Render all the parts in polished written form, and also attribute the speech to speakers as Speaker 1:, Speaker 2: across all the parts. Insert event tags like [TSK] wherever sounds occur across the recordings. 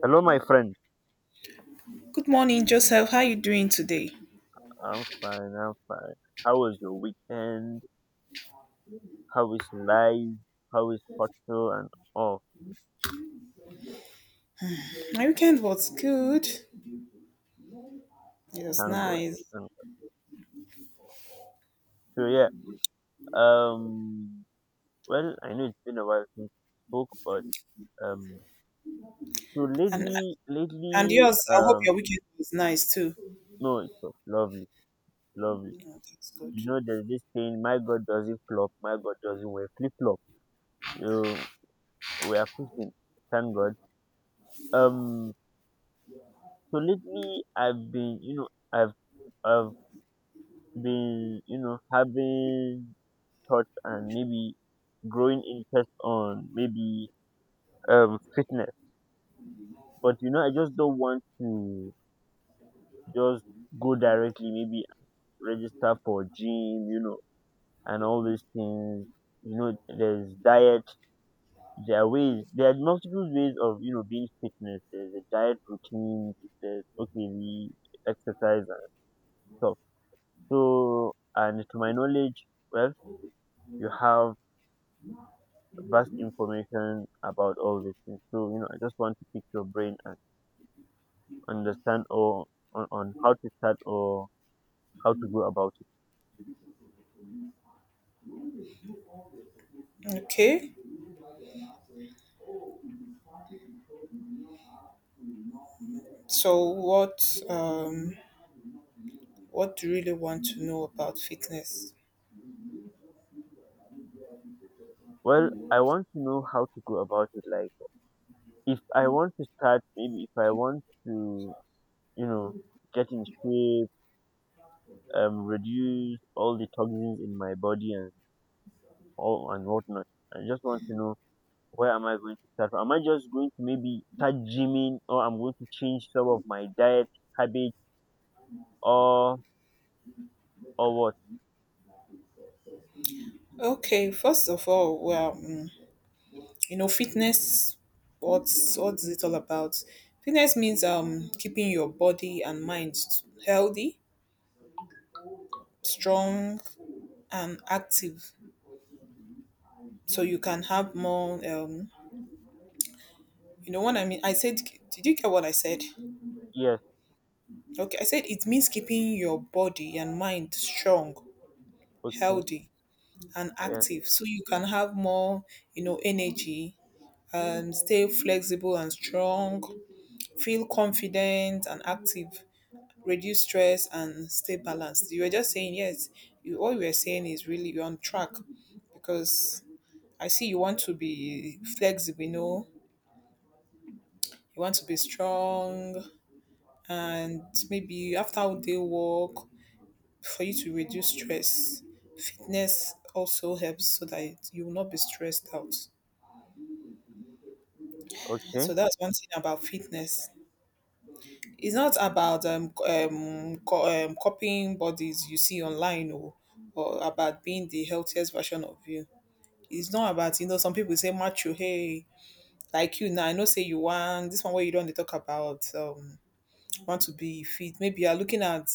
Speaker 1: Hello, my friend.
Speaker 2: Good morning, Joseph. How are you doing today?
Speaker 1: I'm fine. I'm fine. How was your weekend? How is life? How is hotel and all?
Speaker 2: My weekend was good. It was
Speaker 1: Thank God.
Speaker 2: nice.
Speaker 1: Thank God. So yeah. Um. Well, I know it's been a while since we spoke, but um. So
Speaker 2: And
Speaker 1: lately,
Speaker 2: and
Speaker 1: lately,
Speaker 2: yours, I hope
Speaker 1: um.
Speaker 2: your weekend was nice too.
Speaker 1: No, it was lovely, lovely.
Speaker 2: Yeah, that's good.
Speaker 1: You know, there's this saying, "My God doesn't flop. My God doesn't wear flip flop." So we are pushing. Thank God. Um. So lately, I've been, I've been having thoughts and maybe growing interest on maybe fitness. But you know, I just don't want to just go directly, maybe register for gym, you know, and all these things. You know, there's diet. There are ways. There are multiple ways of, you know, being fitness. There's a diet routine. There's, okay, the exercise and stuff. So and to my knowledge, well, you have vast information about all these things. So, you know, I just want to pick your brain and understand, on how to start or how to go about it.
Speaker 2: Okay. So what do you really want to know about fitness?
Speaker 1: Well, I want to know how to go about it. Like, if I want to start, maybe if I want to, you know, get in shape, reduce all the toxins in my body and all and whatnot. I just want to know, where am I going to start from? Am I just going to maybe start gymming, or I'm going to change some of my diet habits, or or what?
Speaker 2: Okay, first of all, well, you know, fitness what's it all about? Fitness means keeping your body and mind healthy, strong and active so you can have more you know what I mean? I said, did you get what I said?
Speaker 1: Yes,
Speaker 2: Okay, I said it means keeping your body and mind strong,
Speaker 1: okay,
Speaker 2: healthy, and
Speaker 1: yes,
Speaker 2: active so you can have more, you know, energy and stay flexible and strong, feel confident and active, reduce stress and stay balanced. You were just saying, yes, all you were saying is really you're on track because I see you want to be flexible, you know, you want to be strong, and maybe after all day work for you to reduce stress. Fitness also helps so that you will not be stressed out.
Speaker 1: okay.
Speaker 2: So that's one thing about fitness. It's not about copying bodies you see online or about being the healthiest version of you. It's not about you know some people say macho hey like you now I know say you want this one where you don't dey talk about want to be fit maybe you are looking at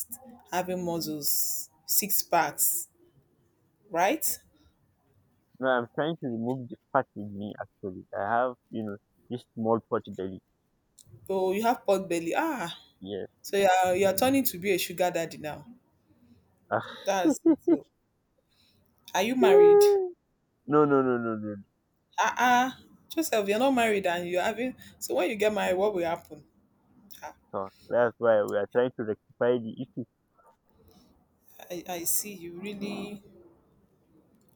Speaker 2: having muscles six packs right?
Speaker 1: No, I'm trying to remove the fat with me actually. I have, you know, this small potty belly.
Speaker 2: Oh, you have pot belly. Ah,
Speaker 1: Yes.
Speaker 2: so you are turning to be a sugar daddy now.
Speaker 1: [SIGHS]
Speaker 2: That's it. So are you
Speaker 1: [LAUGHS]
Speaker 2: married?
Speaker 1: No, no, no, no, no.
Speaker 2: Ah, Joseph, you're not married and you're having. So when you get married, what will happen? Ah,
Speaker 1: No. That's why we are trying to rectify the issue.
Speaker 2: I see. You really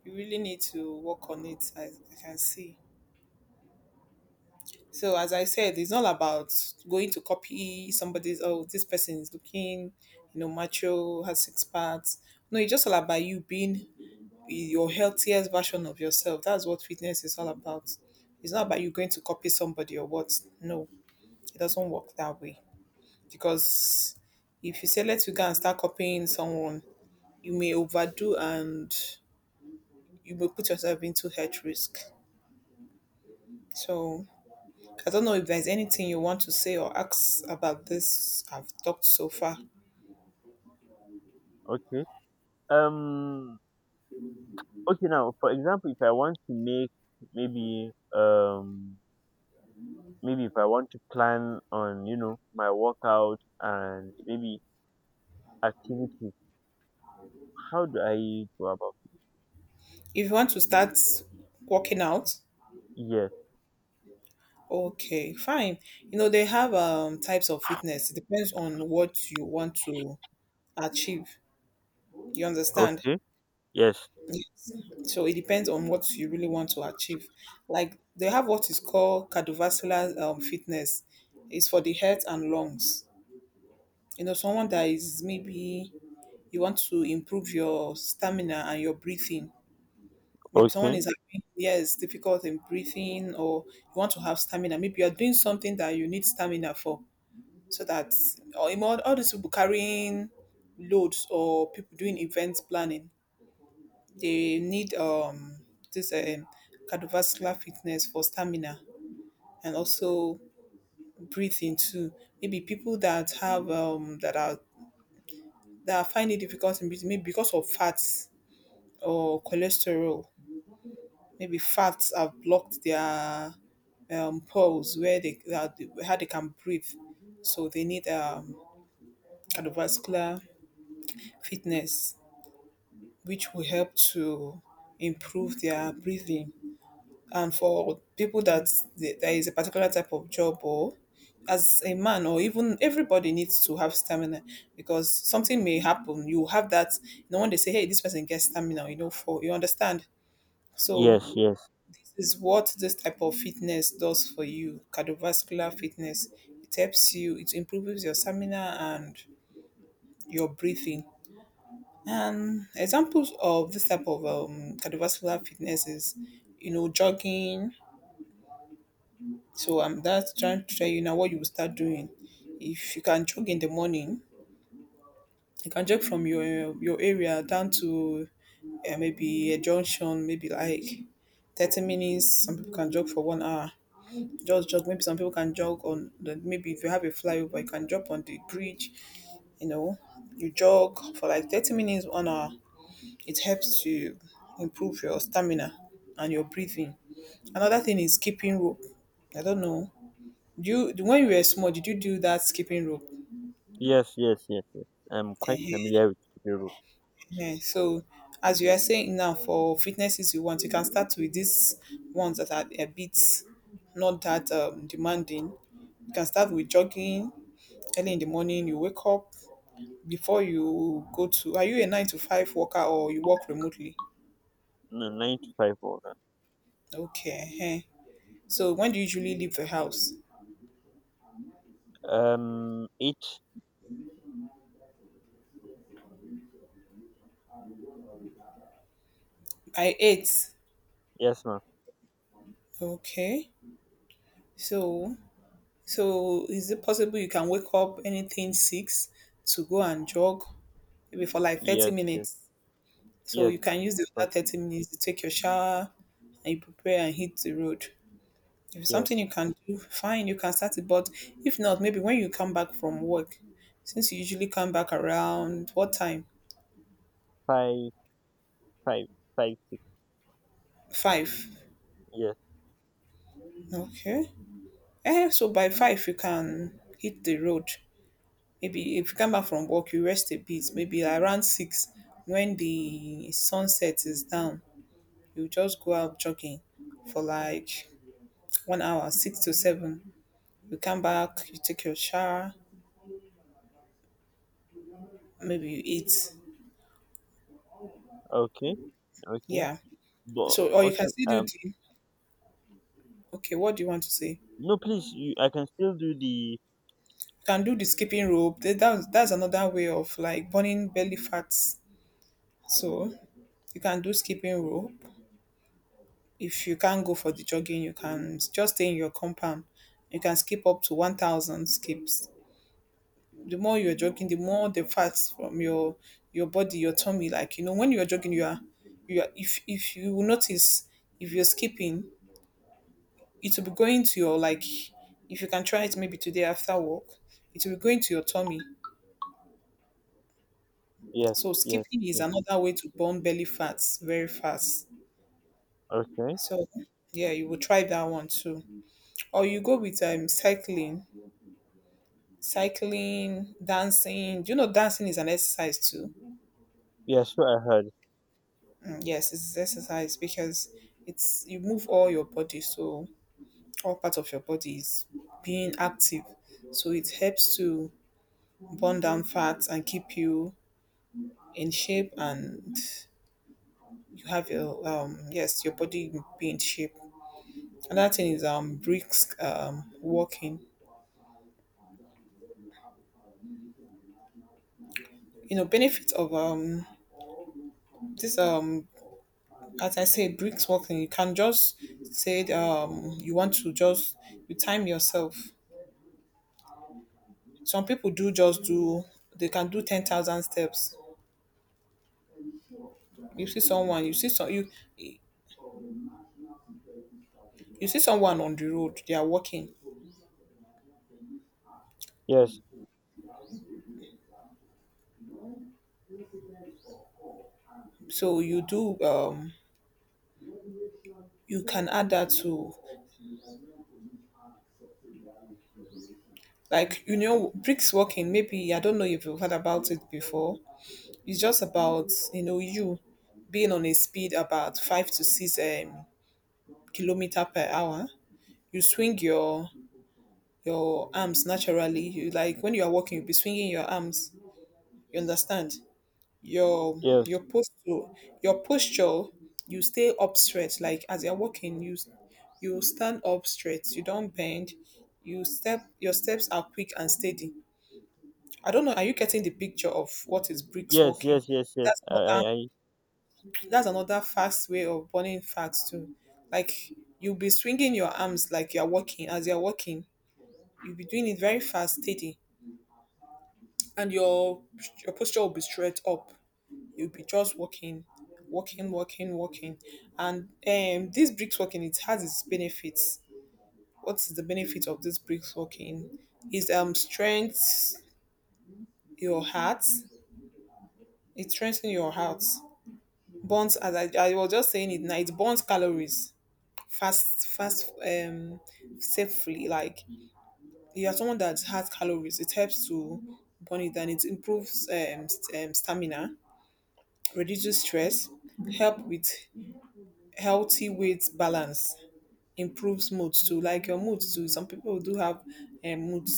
Speaker 2: you really need to work on it. I can see. So as I said, it's not about going to copy somebody's. Oh, this person is looking, you know, macho, has six parts. No, it's just all about you being your healthiest version of yourself. That's what fitness is all about. It's not about you going to copy somebody or what. No, it doesn't work that way. Because if you say, let you go and start copying someone, you may overdo and you may put yourself into health risk. So I don't know if there's anything you want to say or ask about this I've talked so far.
Speaker 1: Okay. Um. Okay. Now, for example, if I want to make maybe maybe if I want to plan on, you know, my workout and maybe activities, how do I go about it?
Speaker 2: If you want to start working out,
Speaker 1: Yes.
Speaker 2: okay, fine. You know, they have types of fitness. It depends on what you want to achieve. You understand?
Speaker 1: Okay. Yes.
Speaker 2: Yes. So it depends on what you really want to achieve. Like they have what is called cardiovascular fitness. It's for the heart and lungs. You know, someone that is maybe you want to improve your stamina and your breathing. Maybe someone
Speaker 1: Okay.
Speaker 2: is having yes difficult in breathing, or you want to have stamina. Maybe you are doing something that you need stamina for, so that or in all these people carrying loads or people doing events planning. They need this cardiovascular fitness for stamina and also breathing too. Maybe people that have that find it difficult in breathing, maybe because of fats or cholesterol. Maybe fats have blocked their pores where they that, how they can breathe. So they need cardiovascular fitness, which will help to improve their breathing. And for people that there is a particular type of job or as a man or even everybody needs to have stamina because something may happen you have that, you know, when they say hey this person gets stamina, you know, for you understand. So
Speaker 1: Yes, yes,
Speaker 2: this is what this type of fitness does for you. Cardiovascular fitness, it helps you, it improves your stamina and your breathing, and examples of this type of cardiovascular fitness is, you know, jogging. So I'm that's trying to tell you now what you will start doing. If you can jog in the morning, you can jog from your area down to maybe a junction, maybe like 30 minutes. Some people can jog for 1 hour. Just jog. Maybe some people can jog on the maybe if you have a flyover, you can jog on the bridge. You know, you jog for like 30 minutes, 1 hour. It helps to improve your stamina and your breathing. Another thing is keeping rope. I don't know. Do you when you were small, did you do that skipping rope?
Speaker 1: yes, yes, yes, yes. I'm quite
Speaker 2: Ehen.
Speaker 1: familiar with Kebiro.
Speaker 2: So as you are saying now, for fitnesses you want, you can start with these ones that are a bit not that demanding. You can start with jogging early in the morning. You wake up before you go to. Are you a nine to five worker or you work remotely?
Speaker 1: No, nine to five or that.
Speaker 2: Okay. Ehen. So when do you usually leave the house?
Speaker 1: Eight.
Speaker 2: By 8.
Speaker 1: Yes, ma'am.
Speaker 2: Okay. So So is it possible you can wake up anything 6 to go and jog maybe for like 30
Speaker 1: Yes, yes,
Speaker 2: minutes? So
Speaker 1: yes,
Speaker 2: you
Speaker 1: of
Speaker 2: can use the
Speaker 1: course,
Speaker 2: other 30 minutes to take your shower and you prepare and hit the road. If it's
Speaker 1: yes.
Speaker 2: something you can do, fine, you can start it. But if not, maybe when you come back from work, since you usually come back around what time?
Speaker 1: Five, five, five, six.
Speaker 2: 5.
Speaker 1: Yes.
Speaker 2: Okay. Eh, so by 5 you can hit the road. Maybe if you come back from work, you rest a bit. Maybe around 6, when the sunset is down, you just go out jogging for like 1 hour, 6 to 7. You come back, you take your shower, maybe you eat.
Speaker 1: Okay, okay.
Speaker 2: Yeah.
Speaker 1: But
Speaker 2: So, or you can
Speaker 1: okay.
Speaker 2: still do the. Okay, what do you want to say? You
Speaker 1: No, please. You, I can still do the.
Speaker 2: can do the skipping rope. That's another way of like burning belly fats. So you can do skipping rope. If you can't go for the jogging, you can just stay in your compound. You can skip up to 1,000 skips. The more you're jogging, the more the fats from your body, your tummy. Like you know, when you're jogging, you are. If you will notice, if you're skipping, it will be going to your like. If you can try it maybe today after work, it will be going to your tummy.
Speaker 1: Yes,
Speaker 2: So
Speaker 1: yes,
Speaker 2: skipping is
Speaker 1: yes.
Speaker 2: another way to burn belly fats very fast.
Speaker 1: Okay.
Speaker 2: So yeah, you will try that one too. Or you go with cycling, dancing. Do you know dancing is an exercise too?
Speaker 1: Yes, what I heard.
Speaker 2: Mm, yes, it's exercise because it's you move all your body, so all parts of your body is being active. So it helps to burn down fat and keep you in shape, and you have your body be in shape. Another thing is brisk walking. You know benefits of this as I said, bricks working. You can just say you want to just you time yourself. Some people do just do they can do 10,000 steps. You see someone, you see someone on the road, they are walking.
Speaker 1: Yes,
Speaker 2: So you can add that to, like, you know, bricks walking. Maybe I don't know if you've heard about it before. It's just about, you know, you being on a speed about five to six kilometer per hour. You swing your arms naturally. You like when you are walking, you'll be swinging your arms. You understand? Your
Speaker 1: yes,
Speaker 2: your posture, you stay up straight. Like as you're walking, you stand up straight. You don't bend. Your steps are quick and steady. I don't know. Are you getting the picture of what is bricks
Speaker 1: yes,
Speaker 2: walking?
Speaker 1: yes, yes, yes.
Speaker 2: That's another
Speaker 1: I
Speaker 2: that's another fast way of burning fats too. Like you'll be swinging your arms like you're walking. As you're walking, you'll be doing it very fast, steady, and your posture will be straight up. You'll be just walking, walking, walking, walking. And this bricks walking, it has its benefits. What is the benefit of this bricks walking? Is strengths your heart. It strengthens your heart. Burns, as I was just saying it now, it burns calories fast fast safely. Like you are someone that has calories, it helps to burn it, and it improves stamina, reduces stress, help with healthy weight balance, improves mood too. Like your mood too. Some people do have um, mood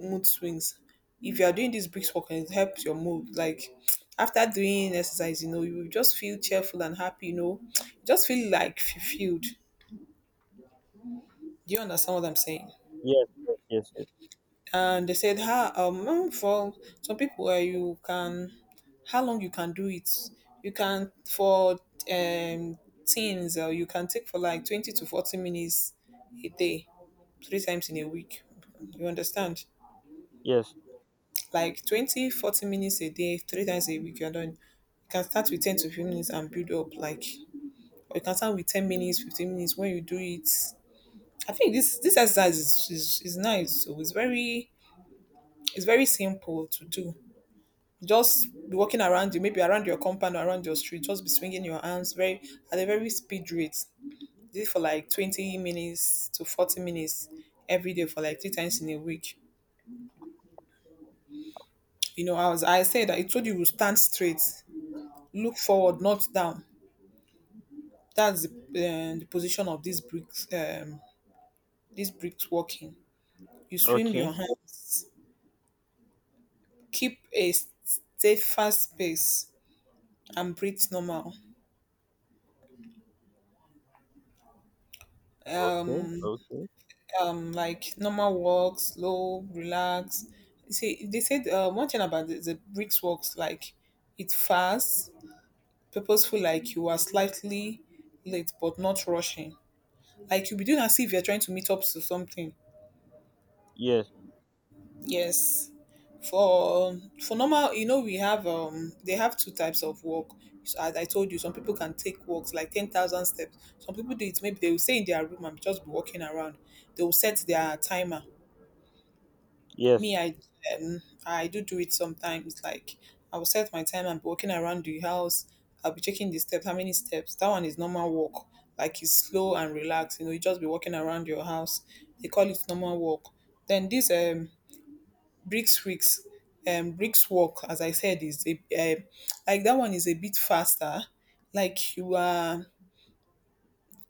Speaker 2: mood swings. If you are doing this brisk walk, and it helps your mood. Like [TSK] after doing exercise, you know, you will just feel cheerful and happy. You know, [TSK] just feel like fulfilled. Do you understand what I'm saying?
Speaker 1: yes, yes, yes, yes,
Speaker 2: And they said how for some people where you can how long you can do it you can for um teens, you can take for like 20 to 40 minutes a day three times in a week, you understand?
Speaker 1: yes.
Speaker 2: Like 20, 40 minutes a day three times a week, you're done. You can start with 10 to 15 minutes and build up, like, or you can start with 10 minutes, 15 minutes when you do it. I think this exercise is nice. So it's very, it's very simple to do. Just be walking around, you, maybe around your compound or around your street, just be swinging your arms very, at a very speed rate. Do it for like 20 minutes to 40 minutes every day for like three times in a week. You know, I said that it told you to stand straight, look forward, not down. That's the position of this bricks. This bricks walking. You swim
Speaker 1: Okay,
Speaker 2: your hands, keep a steadfast pace, and breathe normal.
Speaker 1: okay, okay.
Speaker 2: Like normal walk, slow, relax. See, they said one thing about the bricks walks, like it fast, purposeful, like you are slightly late but not rushing. Like you'll be doing as if you're trying to meet up to something.
Speaker 1: Yes,
Speaker 2: Yes. For normal, you know, we have they have two types of walk. So as I told you, some people can take walks like 10,000 steps. Some people do it. Maybe they will stay in their room and just be walking around. They will set their timer.
Speaker 1: yes.
Speaker 2: Me, I, um, I do it sometimes, like I will set my time and be walking around the house. I'll be checking the steps how many steps. That one is normal walk, like it's slow and relaxed, you know, you just be walking around your house. They call it normal walk. Then this bricks weeks, bricks walk, as I said, is a like that one is a bit faster, like you are.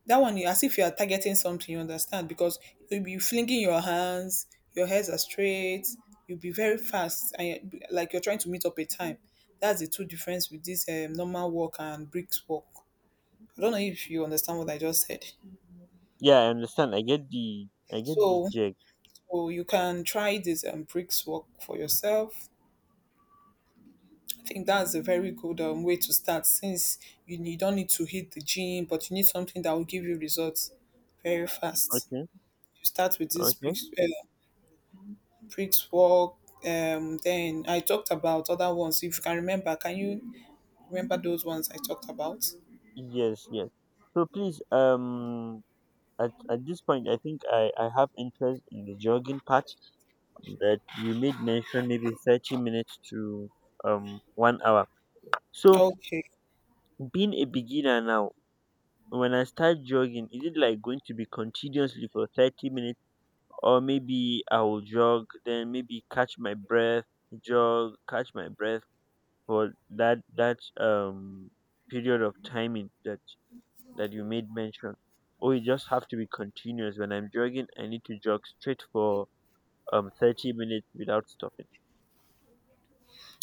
Speaker 2: That one, you as if you are targeting something, you understand? Because you'll be flinging your hands, your hairs are straight, you'll be very fast, and you're, like you're trying to meet up a time. That's the two difference with this normal walk and bricks walk. I don't know if you understand what I just said.
Speaker 1: Yeah, I understand. I get the
Speaker 2: So,
Speaker 1: gist.
Speaker 2: so you can try this bricks walk for yourself. I think that's a very good way to start, since you don't need to hit the gym, but you need something that will give you results very fast.
Speaker 1: Okay,
Speaker 2: You start with this
Speaker 1: okay.
Speaker 2: bricks, bricks work. Then I talked about other ones. If you can remember, can you remember those ones I talked about?
Speaker 1: Yes, yes. So please, at this point, I think I have interest in the jogging part that you made mention, maybe 30 minutes to 1 hour. So
Speaker 2: Okay.
Speaker 1: being a beginner now, when I start jogging, is it like going to be continuously for 30 minutes, or maybe I will jog, then maybe catch my breath, jog, catch my breath? For that that um period of timing that you made mention? Or you just have to be continuous? When I'm jogging, I need to jog straight for 30 minutes without stopping?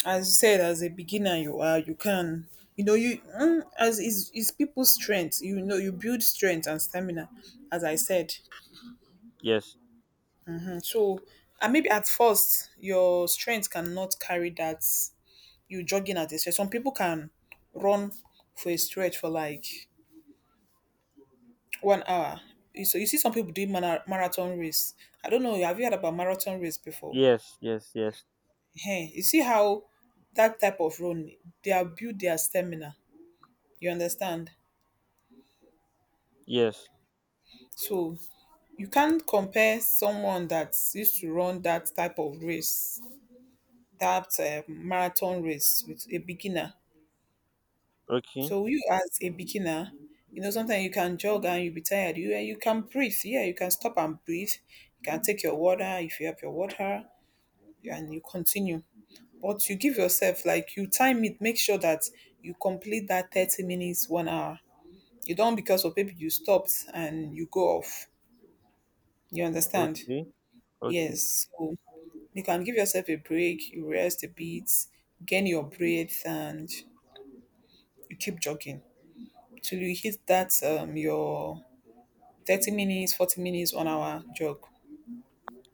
Speaker 2: As you said, as a beginner, you are, you can, you know, you, as is people's strength. You know, you build strength and stamina, as I said.
Speaker 1: Yes,
Speaker 2: And so, and maybe at first your strength cannot carry that you jogging at a stretch. Some people can run for a stretch for like 1 hour. So you see some people doing marathon race. I don't know. Have you heard about marathon race before?
Speaker 1: yes, yes, yes,
Speaker 2: Hey, you see how that type of run, they are build their stamina. You understand?
Speaker 1: yes.
Speaker 2: So you can't compare someone that used to run that type of race, that marathon race, with a beginner.
Speaker 1: Okay,
Speaker 2: So you as a beginner, you know sometimes you can jog and you'll be tired. You can breathe. Yeah, you can stop and breathe. You can take your water if you have your water, and you continue. But you give yourself like, you time it, make sure that you complete that 30 minutes, 1 hour. You don't, because of maybe you stopped and you go off. You understand?
Speaker 1: okay, okay.
Speaker 2: Yes. So you can give yourself a break, you rest a bit, gain your breath, and you keep jogging till you hit that your 30 minutes, 40 minutes, 1 hour jog.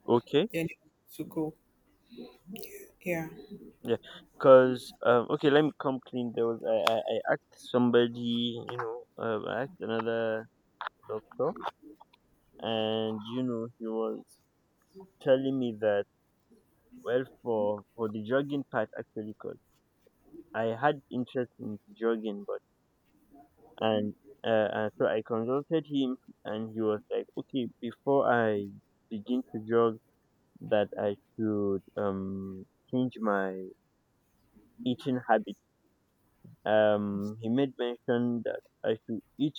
Speaker 1: Okay.
Speaker 2: Then you to go. Yeah.
Speaker 1: Yeah. Because okay, let me come clean. There was i i, I asked somebody, you know, I asked another doctor, and you know, he was telling me that, well, for the jogging part, actually, cause I had interest in jogging, but and uh, so I consulted him, and he was like, okay, before I begin to jog, that I should change my eating habit. He made mention that I should eat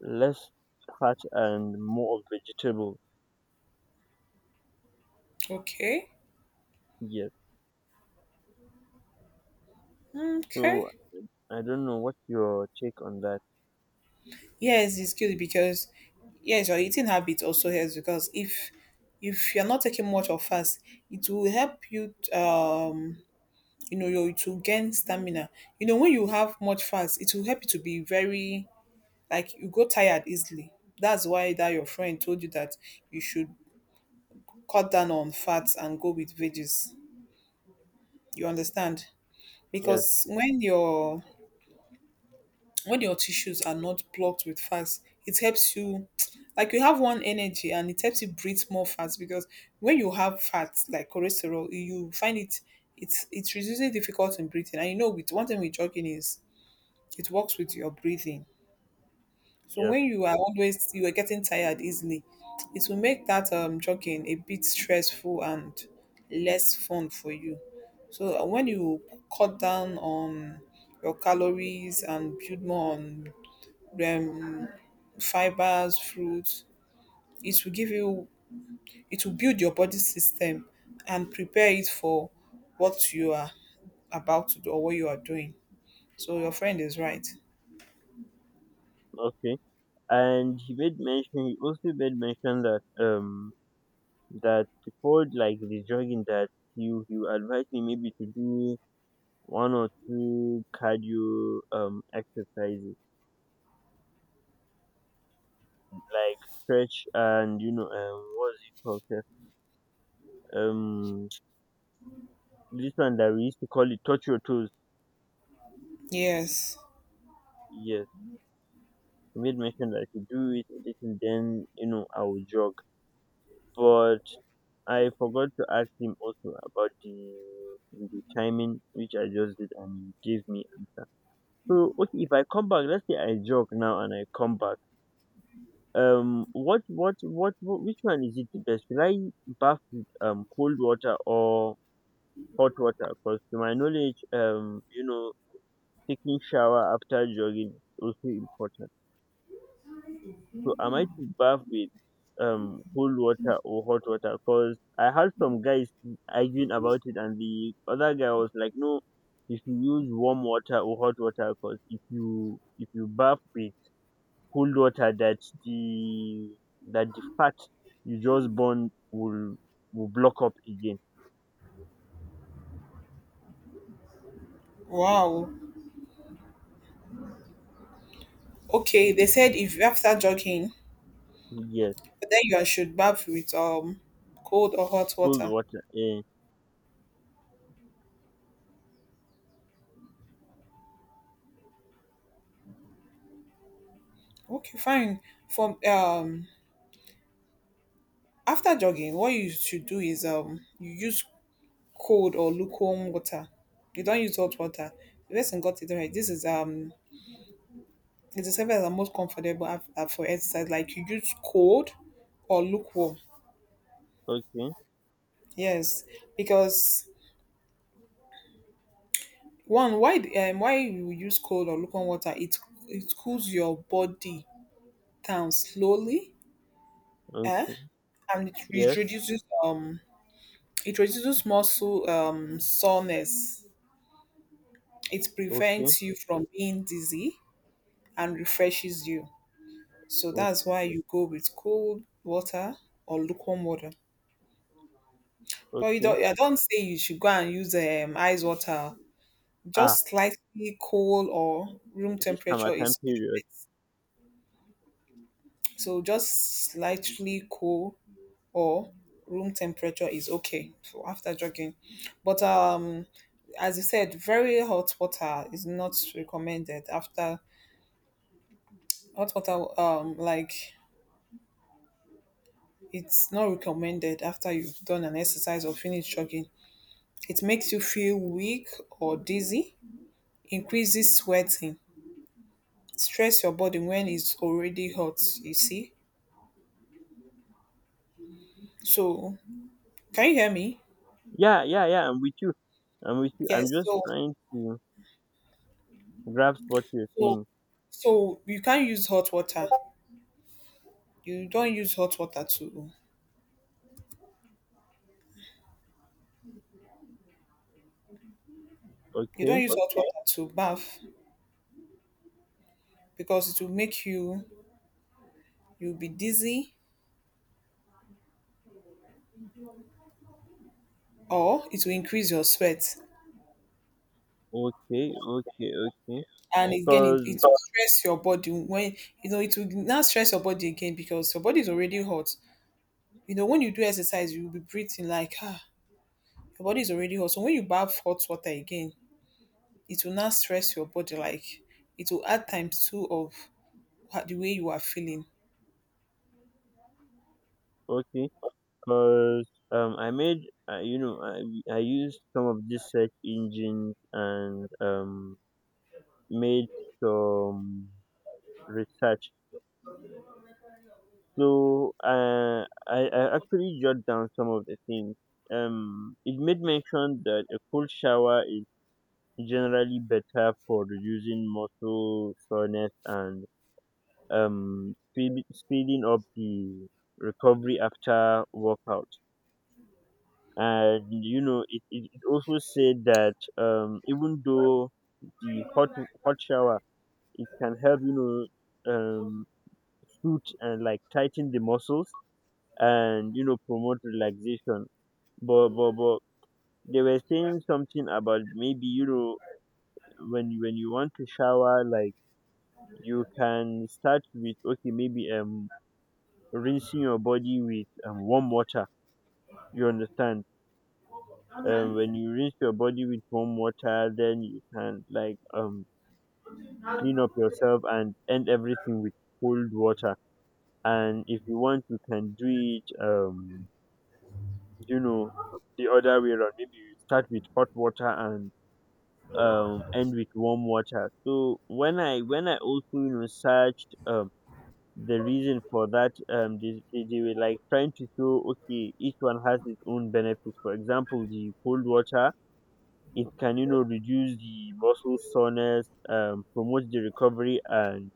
Speaker 1: less fat and more of vegetables.
Speaker 2: Okay.
Speaker 1: Yes. So
Speaker 2: Okay.
Speaker 1: I don't know what your take on that.
Speaker 2: Yes, it's good because, yes, your eating habit also helps, because if you're not taking much of fast, it will help you, you know, you to gain stamina. You know, when you have much fast, it will help you to be very, like you go tired easily. That's why that your friend told you that you should cut down on fats and go with veggies. You understand?
Speaker 1: Yes.
Speaker 2: Because when you're, when your tissues are not blocked with fats, it helps you [TSK] like you have one energy and it helps you breathe more fast, because when you have fats like cholesterol, you find it, it's really difficult in breathing. And you know with one thing with jogging is it works with your breathing. So
Speaker 1: Yes.
Speaker 2: when you are always, you are getting tired easily, it will make that jogging a bit stressful and less fun for you. So when you cut down on your calories and build more on um, fibers, fruits. It will give you, it will build your body system and prepare it for what you are about to do or what you are doing. So your friend is right.
Speaker 1: Okay. And he made mention, that that before, like the jogging, that you advise me maybe to do one or two cardio exercises, like stretch and, you know, what's it called sef? um this one that we used to call it touch your toes,
Speaker 2: Yes.
Speaker 1: yes. He made mention that if you do it a little, then, you know, I will jog. But I forgot to ask him also about the timing, which I just did, and he gave me answer. So okay, if I come back, let's say I jog now and I come back. What which one is it the best? Should I bath with cold water or hot water? Because to my knowledge, you know, taking shower after jogging is also important. So am I to bath with cold water or hot water? Because I had some guys arguing about it, and the other guy was like, "No, if you should use warm water or hot water, because if you bath with cold water, the that the fat you just burn will block up again."
Speaker 2: Wow. Okay. They said if after jogging,
Speaker 1: Yes,
Speaker 2: then you should bath with cold or hot
Speaker 1: cold
Speaker 2: water.
Speaker 1: water. Eh.
Speaker 2: Okay, fine. From after jogging, what you should do is, you use cold or lukewarm water. You don't use hot water. The person got it right. This is it's the service that most comfortable for exercise. Like you use cold or lukewarm.
Speaker 1: Okay.
Speaker 2: Yes, because one why why you use cold or lukewarm water? It cools your body down slowly. Eh?
Speaker 1: Okay.
Speaker 2: And
Speaker 1: Yes.
Speaker 2: reduces um it reduces muscle soreness. It
Speaker 1: Okay.
Speaker 2: prevents you from being dizzy and refreshes you. So that's
Speaker 1: Okay.
Speaker 2: why you go with cold water or lukewarm water. But you
Speaker 1: Okay.
Speaker 2: don't, I don't say you should go and use ice water.
Speaker 1: Ah,
Speaker 2: Just slightly cold or room
Speaker 1: this time my
Speaker 2: temperature
Speaker 1: time
Speaker 2: is
Speaker 1: period.
Speaker 2: perfect. So just slightly cold or room temperature is okay for after jogging. But as you said, very hot water is not recommended after hot water. Like it's not recommended after you've done an exercise or finished jogging. It makes you feel weak or dizzy, increases sweating, stress your body when it's already hot, you see. So, can you hear me?
Speaker 1: Yeah, yeah, yeah. I'm with you. I'm with you. I'm
Speaker 2: Yes.
Speaker 1: just
Speaker 2: So,
Speaker 1: trying to grasp what you're
Speaker 2: so,
Speaker 1: saying.
Speaker 2: so you can't use hot water. You don't use hot water to, you
Speaker 1: Okay,
Speaker 2: don't use hot water to bath because it will make you, you'll be dizzy or it will increase your sweat.
Speaker 1: okay, okay, okay.
Speaker 2: And again, it,
Speaker 1: Cause
Speaker 2: it will stress your body when, you know, it will now stress your body again because your body is already hot. You know, when you do exercise, you will be breathing like, ah, your body is already hot. So when you bath hot water again, it will not stress your body. Like, it will add times two of what, the way you are feeling.
Speaker 1: okay, cause I made you know, I used some of these search engines and made some research. So I actually jot down some of the things. It made mention that a cold shower generally better for reducing muscle soreness and, speeding up the recovery after workout. And you know, it also said that even though the hot hot shower, it can help, you know, suit and like tighten the muscles and, you know, promote relaxation. But they were saying something about, maybe, you know, when you want to shower, like, you can start with, okay, maybe rinsing your body with warm water, you understand? When you rinse your body with warm water, then you can like clean up yourself and end everything with cold water. And if you want, you can do it you know, the other way around, maybe you start with hot water and end with warm water. So when I also, you know, searched, the reason for that, they were like trying to show, okay, each one has its own benefits. For example, the cold water, it can, you know, reduce the muscle soreness, promote the recovery, and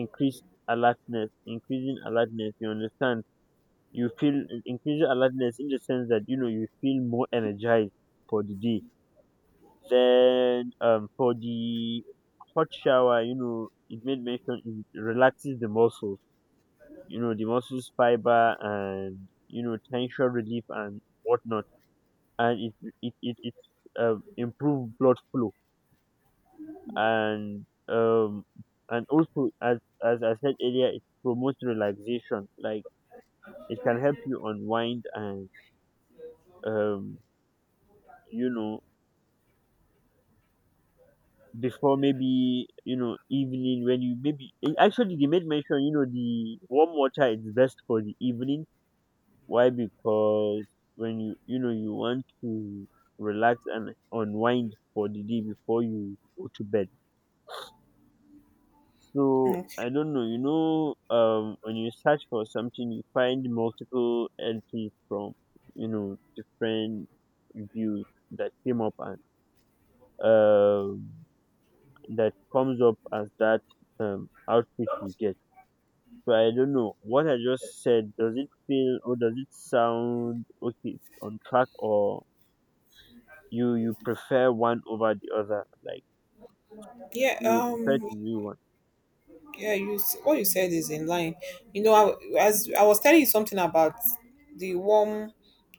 Speaker 1: increase alertness. Increasing alertness, you understand. You feel increasing alertness in the sense that, you know, you feel more energized for the day. Then for the hot shower, you know, it made mention, it relaxes the muscles. You know, the muscles fiber and, you know, tension relief and whatnot. And it improve blood flow, and um and also, as I said earlier, it promotes relaxation. Like, it can help you unwind and um you know, before, maybe, you know, evening when you maybe, actually they made mention, you know, the warm water is best for the evening. Why? Because when you know, you want to relax and unwind for the day before you go to bed. So I
Speaker 2: Okay.
Speaker 1: don't know, you know, when you search for something, you find multiple entries from, you know, different views that came up, and um that comes up as that outfit you get. So I don't know, what I just said, does it feel or does it sound okay, it's on track? Or you prefer one over the other, like
Speaker 2: Yeah.
Speaker 1: you prefer to do one?
Speaker 2: Yeah. What you said is in line. You know, I, as I was telling you something about the warm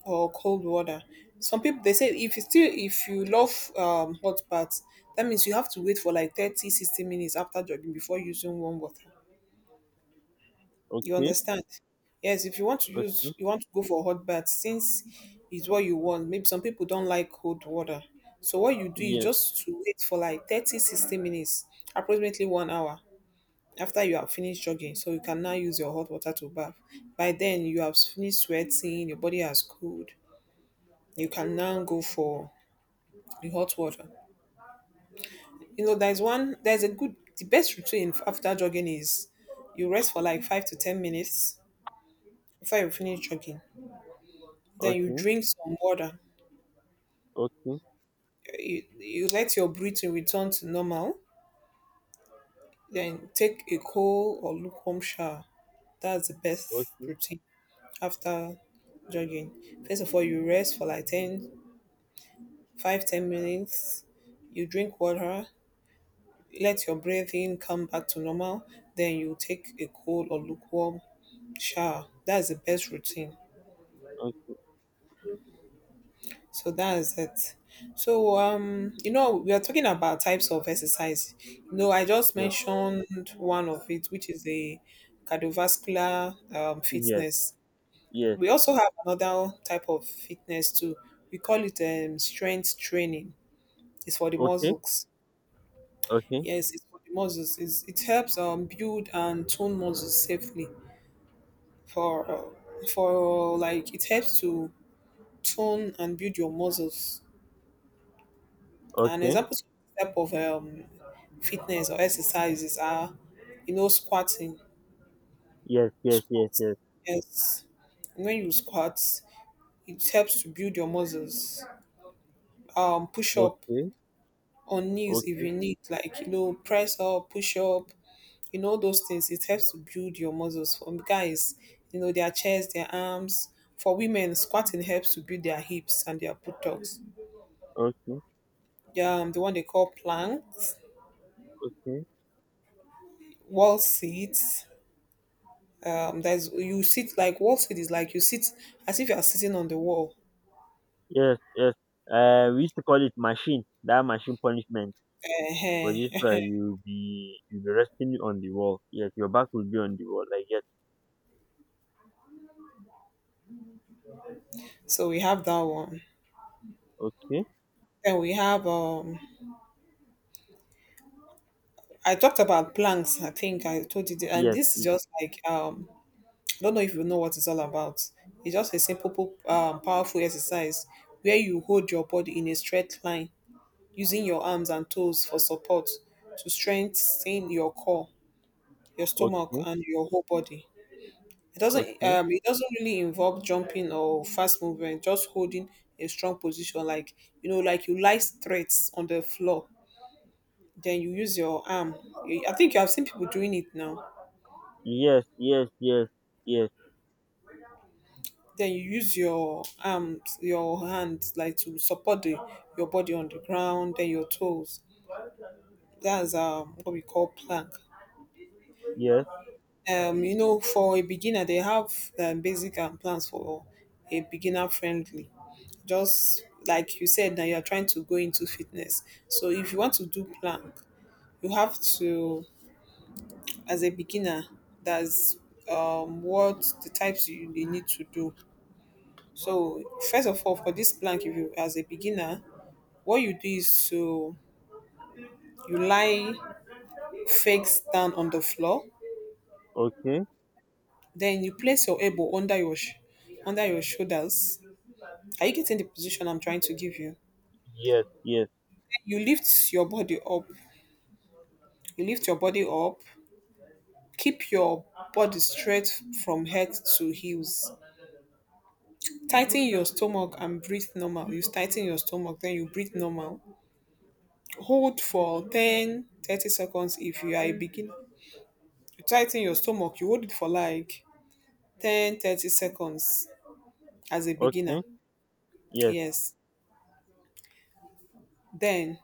Speaker 2: or cold water. Some people they say if you still, if you love hot baths, that means you have to wait for like 30, 60 minutes after jogging before using warm water. You
Speaker 1: Okay,
Speaker 2: understand? Yes, if you want to use,
Speaker 1: okay,
Speaker 2: you want to go for hot bath, since it's what you want, maybe some people don't like cold water. So what you do is
Speaker 1: yes,
Speaker 2: just to wait for like 30, 60 minutes, approximately 1 hour after you have finished jogging. So you can now use your hot water to bath. By then you have finished sweating, your body has cooled. You can now go for the hot water. You know, there's one, there's a good, the best routine after jogging is you rest for like five to 10 minutes before you finish jogging. Then you
Speaker 1: okay,
Speaker 2: drink some water.
Speaker 1: okay,
Speaker 2: You let your breathing return to normal. Then take a cold or lukewarm shower. That's the best
Speaker 1: okay,
Speaker 2: routine after jogging. First of all, you rest for like 10, 5, 10 minutes. You drink water. Let your breathing come back to normal. Then you take a cold or lukewarm shower. That's the best routine.
Speaker 1: okay,
Speaker 2: So that is it. So you know, we are talking about types of exercise. You know, I just mentioned one of it, which is the cardiovascular
Speaker 1: yes, yes,
Speaker 2: fitness.
Speaker 1: yes,
Speaker 2: We also have another type of fitness too. We call it strength training. It's for the
Speaker 1: okay,
Speaker 2: muscles.
Speaker 1: okay,
Speaker 2: Yes, it's for the muscles. It's, it helps build and tone muscles safely. For like it helps to tone and build your muscles. An
Speaker 1: okay,
Speaker 2: example type of fitness or exercises are, you know, squatting.
Speaker 1: yes, yes, yes,
Speaker 2: Squat.
Speaker 1: yes,
Speaker 2: Yes. When you squat, it helps to build your muscles. Push up
Speaker 1: okay,
Speaker 2: on knees if
Speaker 1: okay,
Speaker 2: you need, like you know, press up, push up. You know those things. It helps to build your muscles. For guys, you know their chest, their arms. For women, squatting helps to build their hips and their buttocks.
Speaker 1: okay,
Speaker 2: Yeah, the one they call planks,
Speaker 1: okay,
Speaker 2: wall seats, there's you sit like wall sit is like you sit as if you are sitting on the wall
Speaker 1: yes, yes. Uh, we used to call it machine, that machine punishment. Was just where
Speaker 2: uh
Speaker 1: you be resting on the wall, yes, your back will be on the wall, like, yes.
Speaker 2: [LAUGHS] so we have that one.
Speaker 1: Okay.
Speaker 2: And we have I talked about planks. I think I told you and
Speaker 1: Yes.
Speaker 2: this is just like I don't know if you know what it's all about. It's just a simple powerful exercise where you hold your body in a straight line using your arms and toes for support to strengthen your core, your stomach
Speaker 1: Okay,
Speaker 2: and your whole body.
Speaker 1: okay.
Speaker 2: It doesn't really involve jumping or fast movement, just holding a strong position, like you know, like you lie straight on the floor, then you use your arm. You— I think you have seen people doing it now.
Speaker 1: Yes, yes, yes, yes,
Speaker 2: Then you use your arms, your hands like to support your body on the ground, then your toes. That's what we call plank.
Speaker 1: yes,
Speaker 2: For a beginner, they have basic plans for a beginner friendly. Just like you said, that you are trying to go into fitness. So if you want to do plank, you have to, as a beginner, that's what the types you, need to do. So first of all, for this plank, if you as a beginner, what you do is to you lie face down on the floor,
Speaker 1: okay,
Speaker 2: then you place your elbow under your under your shoulders. Are you getting the position I'm trying to give you?
Speaker 1: yes, yes,
Speaker 2: You lift your body up. You lift your body up. Keep your body straight from head to heels. Tighten your stomach and breathe normal. You tighten your stomach, then you breathe normal. Hold for 10, 30 seconds if you are a beginner. You tighten your stomach, you hold it for like 10, 30 seconds as a
Speaker 1: okay,
Speaker 2: beginner.
Speaker 1: yes,
Speaker 2: Yes. Then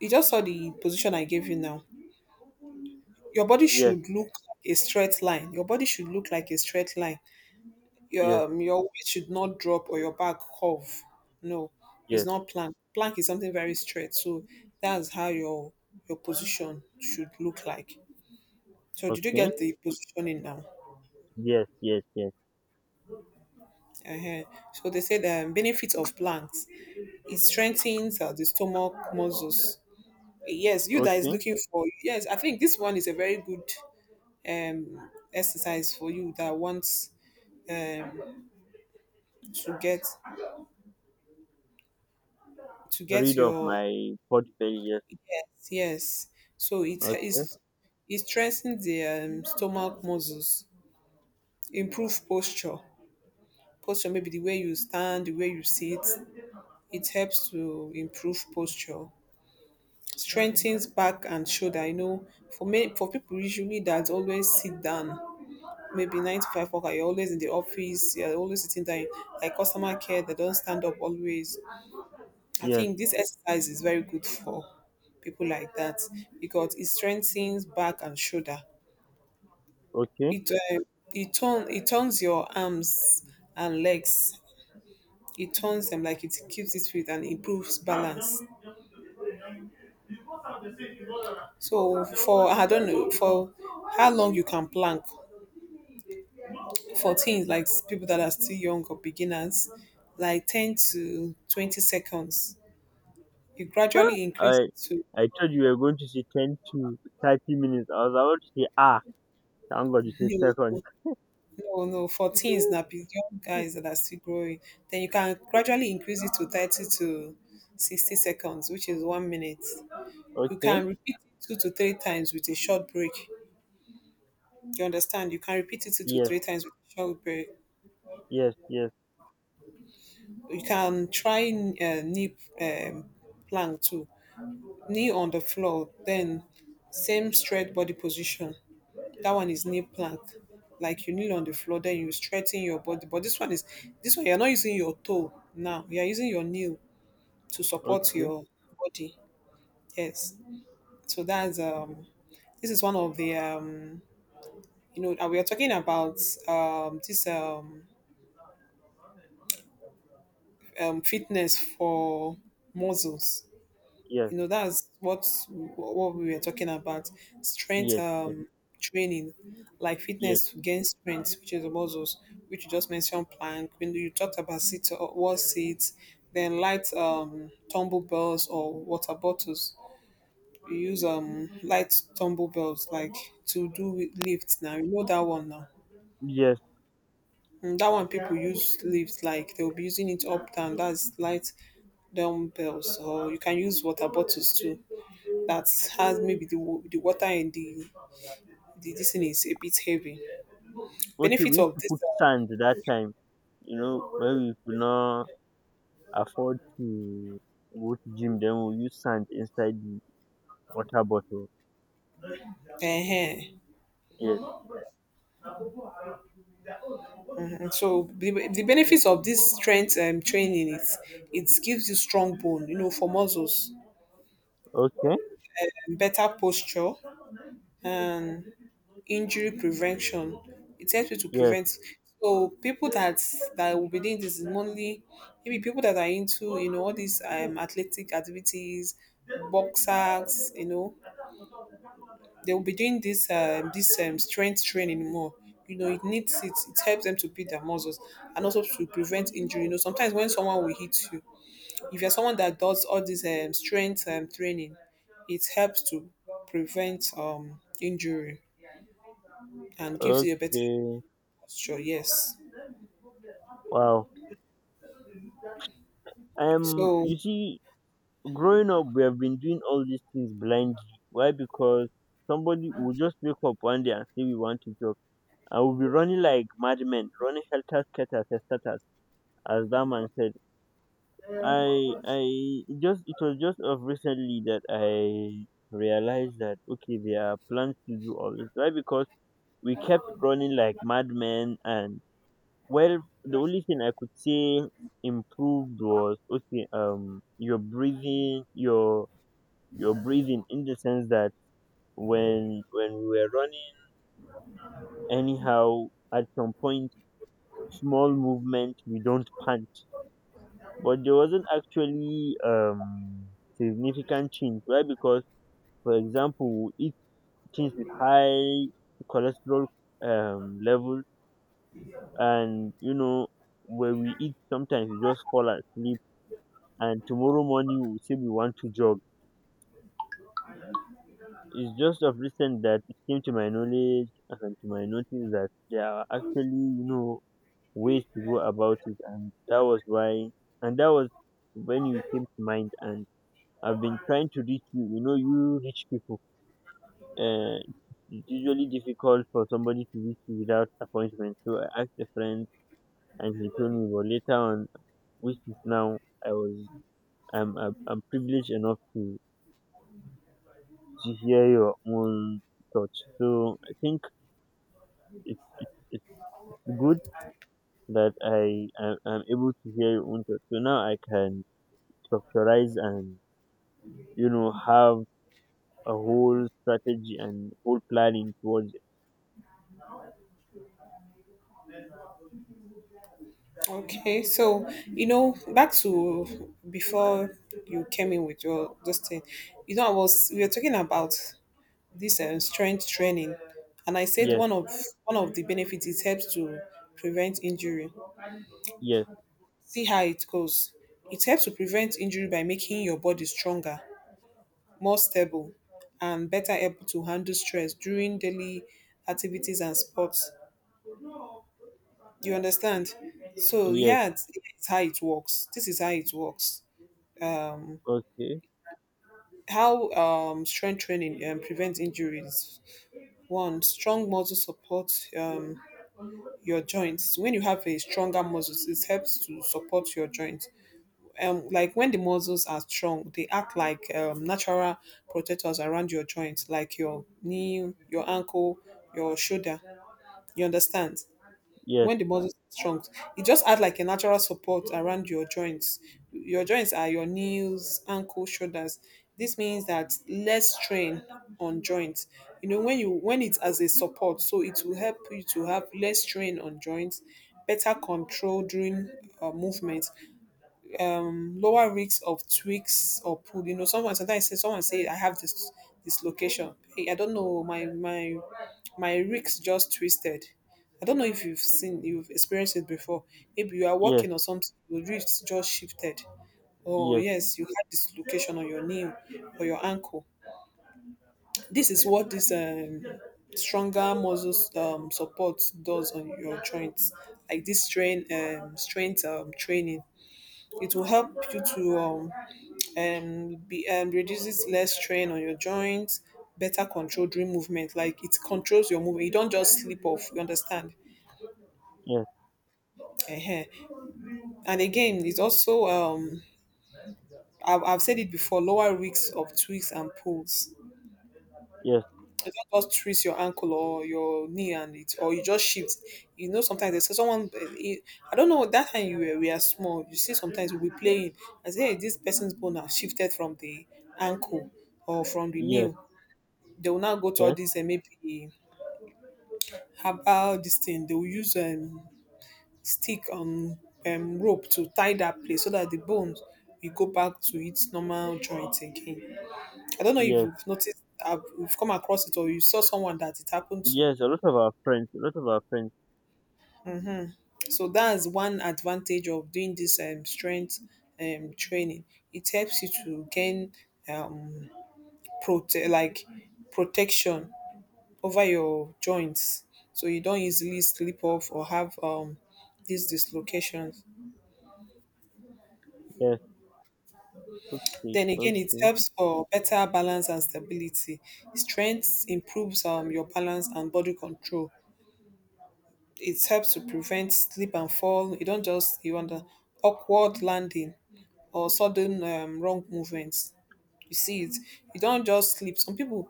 Speaker 2: you just saw the position I gave you now. Your body
Speaker 1: yes,
Speaker 2: should look like a straight line. Your body should look like a straight line.
Speaker 1: yes,
Speaker 2: Your weight should not drop or your back curve. No, it's
Speaker 1: yes,
Speaker 2: not plank. Plank is something very straight. So that's how your position should look like. So did you
Speaker 1: okay,
Speaker 2: get the positioning now?
Speaker 1: yes, yes, yes,
Speaker 2: Uh huh. So they say the benefits of planks. It strengthens the stomach muscles. Yes, you that is
Speaker 1: okay,
Speaker 2: looking for yes, I think this one is a very good exercise for you that wants um to get to get
Speaker 1: rid of
Speaker 2: your
Speaker 1: my portfolio, yes,
Speaker 2: yes yes so it
Speaker 1: okay,
Speaker 2: is it strengthens the stomach muscles, improve posture. Posture, maybe the way you stand, the way you sit, it helps to improve posture. Strengthens back and shoulder, you know, for many for people usually that always sit down, maybe nine to five worker, you're always in the office, you're always sitting down, like customer care, they don't stand up always. I
Speaker 1: yes,
Speaker 2: think this exercise is very good for people like that because it strengthens back and shoulder.
Speaker 1: okay.
Speaker 2: It it turn it turns your arms and legs. It turns them like it keeps it fit and improves balance. So for I don't know for how long you can plank for things like people that are still young or beginners, like 10 to 20 seconds. It
Speaker 1: Huh?
Speaker 2: gradually increases to
Speaker 1: I thought you were going to say 10 to 30 minutes. I was about to say, ah, thank God you said
Speaker 2: [LAUGHS]
Speaker 1: second.
Speaker 2: No, no, for teens now,
Speaker 1: [LAUGHS]
Speaker 2: be young guys that are still growing. Then you can gradually increase it to 30 to 60 seconds, which is 1 minute. You
Speaker 1: Okay,
Speaker 2: can repeat it two to three times with a short break. You understand? You can repeat it two to
Speaker 1: yes,
Speaker 2: three times with a short break.
Speaker 1: yes, yes,
Speaker 2: You can try knee plank too. Knee on the floor, then same straight body position. That one is knee plank. Like you kneel on the floor, then you straighten your body. But this one is this one you're not using your toe now. You're using your knee to support
Speaker 1: okay,
Speaker 2: your body. Yes. So that's this is one of the you know we are talking about this fitness for muscles.
Speaker 1: yes,
Speaker 2: You know that's what we were talking about. Strength
Speaker 1: yes, yes,
Speaker 2: training, like
Speaker 1: yes,
Speaker 2: fitness to gain strength, which is the muscles, which you just mentioned plank when you talked about sit or wall seats. Then light tumble bells or water bottles. You use light tumble bells, like, to do with lifts now. You know that one now.
Speaker 1: yes.
Speaker 2: Mm, that one people use lifts like they'll be using it up down. That's light dumbbells, or you can use water bottles too that has maybe the water in the this thing is a bit heavy.
Speaker 1: Okay, we
Speaker 2: Benefits
Speaker 1: used
Speaker 2: of
Speaker 1: to
Speaker 2: this.
Speaker 1: put sand that time, you know, when we could not afford to go to gym, then we use sand inside the water bottle.
Speaker 2: Uh, uh
Speaker 1: Yes.
Speaker 2: So the benefits of this strength training is it gives you strong bone, you know, for muscles,
Speaker 1: Okay.
Speaker 2: better posture, and injury prevention. It helps you to
Speaker 1: Yes.
Speaker 2: prevent. So people that that will be doing this is mainly maybe people that are into you know all these athletic activities, boxers, you know, they will be doing this strength training more. You know, it needs it. It helps them to build their muscles and also to prevent injury. You know, sometimes when someone will hit you, if you're someone that does all this strength training, it helps to prevent injury and gives you a better
Speaker 1: Okay.
Speaker 2: posture. Yes.
Speaker 1: Wow.
Speaker 2: So
Speaker 1: You see, growing up, we have been doing all these things blindly. Why? Because somebody will just wake up one day and say we want to jog. I will be running like madmen, running helter skelter, testatas, as that man said. I it just it was just of recently that I realized that, okay, there are plans to do all this. Why? Because we kept running like madmen. And, well, the only thing I could say improved was, okay, your breathing, your breathing, in the sense that when we were running anyhow, at some point, small movement, we don't punch. But there wasn't actually significant change. Why? Because, for example, we eat things with high cholesterol level, and when we eat, sometimes we just fall asleep, and tomorrow morning we say we want to jog. It's just of recent that it came to my knowledge and to my notice that there are actually ways to go about it, and and that was when you came to mind, and I've been trying to reach you. You know, you rich people. Uh, it's usually difficult for somebody to reach you without appointment. So I asked a friend, and he told me. But later on, which is now, I was I'm privileged enough to hear your own thoughts. So I think it's it's it's, it's good that I'm able to hear your own thoughts. So now I can structurize and have a whole strategy and whole planning towards it.
Speaker 2: okay, so you know, back to before you came in with your this thing, I was we were talking about this strength training, and I said
Speaker 1: Yes,
Speaker 2: one of the benefits it helps to prevent injury.
Speaker 1: yes.
Speaker 2: See how it goes. It helps to prevent injury by making your body stronger, more stable, and better able to handle stress during daily activities and sports. You understand? So
Speaker 1: Yes,
Speaker 2: yeah, it's how it works. This is how it works. um
Speaker 1: okay.
Speaker 2: how strength training prevents injuries. One, strong muscle support. um your joints, when you have a stronger muscles, it helps to support your joints. Like when the muscles are strong, they act like natural protectors around your joints, like your knee, your ankle, your shoulder. You understand?
Speaker 1: Yes,
Speaker 2: When the muscles are strong, it just add like a natural support around your joints. Your joints are your knees, ankle, shoulders. This means that less strain on joints. You know when you when it's as a support, so it will help you to have less strain on joints, better control during movement, lower risks of twigs or pull. You know, someone sometimes say someone say I have this dislocation. Hey, I don't know, my my ricks just twisted. I don't know if you've seen you've experienced it before. Maybe you are
Speaker 1: yes,
Speaker 2: walking or something, your ribs just shifted. Oh
Speaker 1: yes,
Speaker 2: yes, you had dislocation on your knee or your ankle. This is what this stronger muscles support does on your joints. Like this strain strength training, it will help you to and reduces less strain on your joints, better control during movement. Like it controls your movement. You don't just slip off. You understand?
Speaker 1: yes,
Speaker 2: Ehen. And again, it's also I've said it before. Lower risks of twists and pulls.
Speaker 1: yes,
Speaker 2: You don't just twist your ankle or your knee and it, or you just shift. You know, sometimes they say someone. Eh, eh, I don't know. That time you were, we are small. You see, sometimes we be playing. I say hey, this person's bone has shifted from the ankle or from the
Speaker 1: yes,
Speaker 2: knee. They will now go to all these and maybe herbal this thing, they will use stick on rope to tie that place so that the bones will go back to its normal joint again. I don't know if
Speaker 1: yes, yes,
Speaker 2: you've noticed you've come across it or you saw someone that it happened to.
Speaker 1: yes. A lot of our friends, a lot of our friends.
Speaker 2: So that's one advantage of doing this strength training. It helps you to gain um like, protection over your joints, so you don't easily slip off or have these dislocations.
Speaker 1: Yes, see,
Speaker 2: Then again, it
Speaker 1: okay,
Speaker 2: helps for better balance and stability. Strength improves your balance and body control. It helps to prevent slip and fall. You don't just you want the awkward landing or sudden wrong movements. You see it, you don't just sleep. Some people,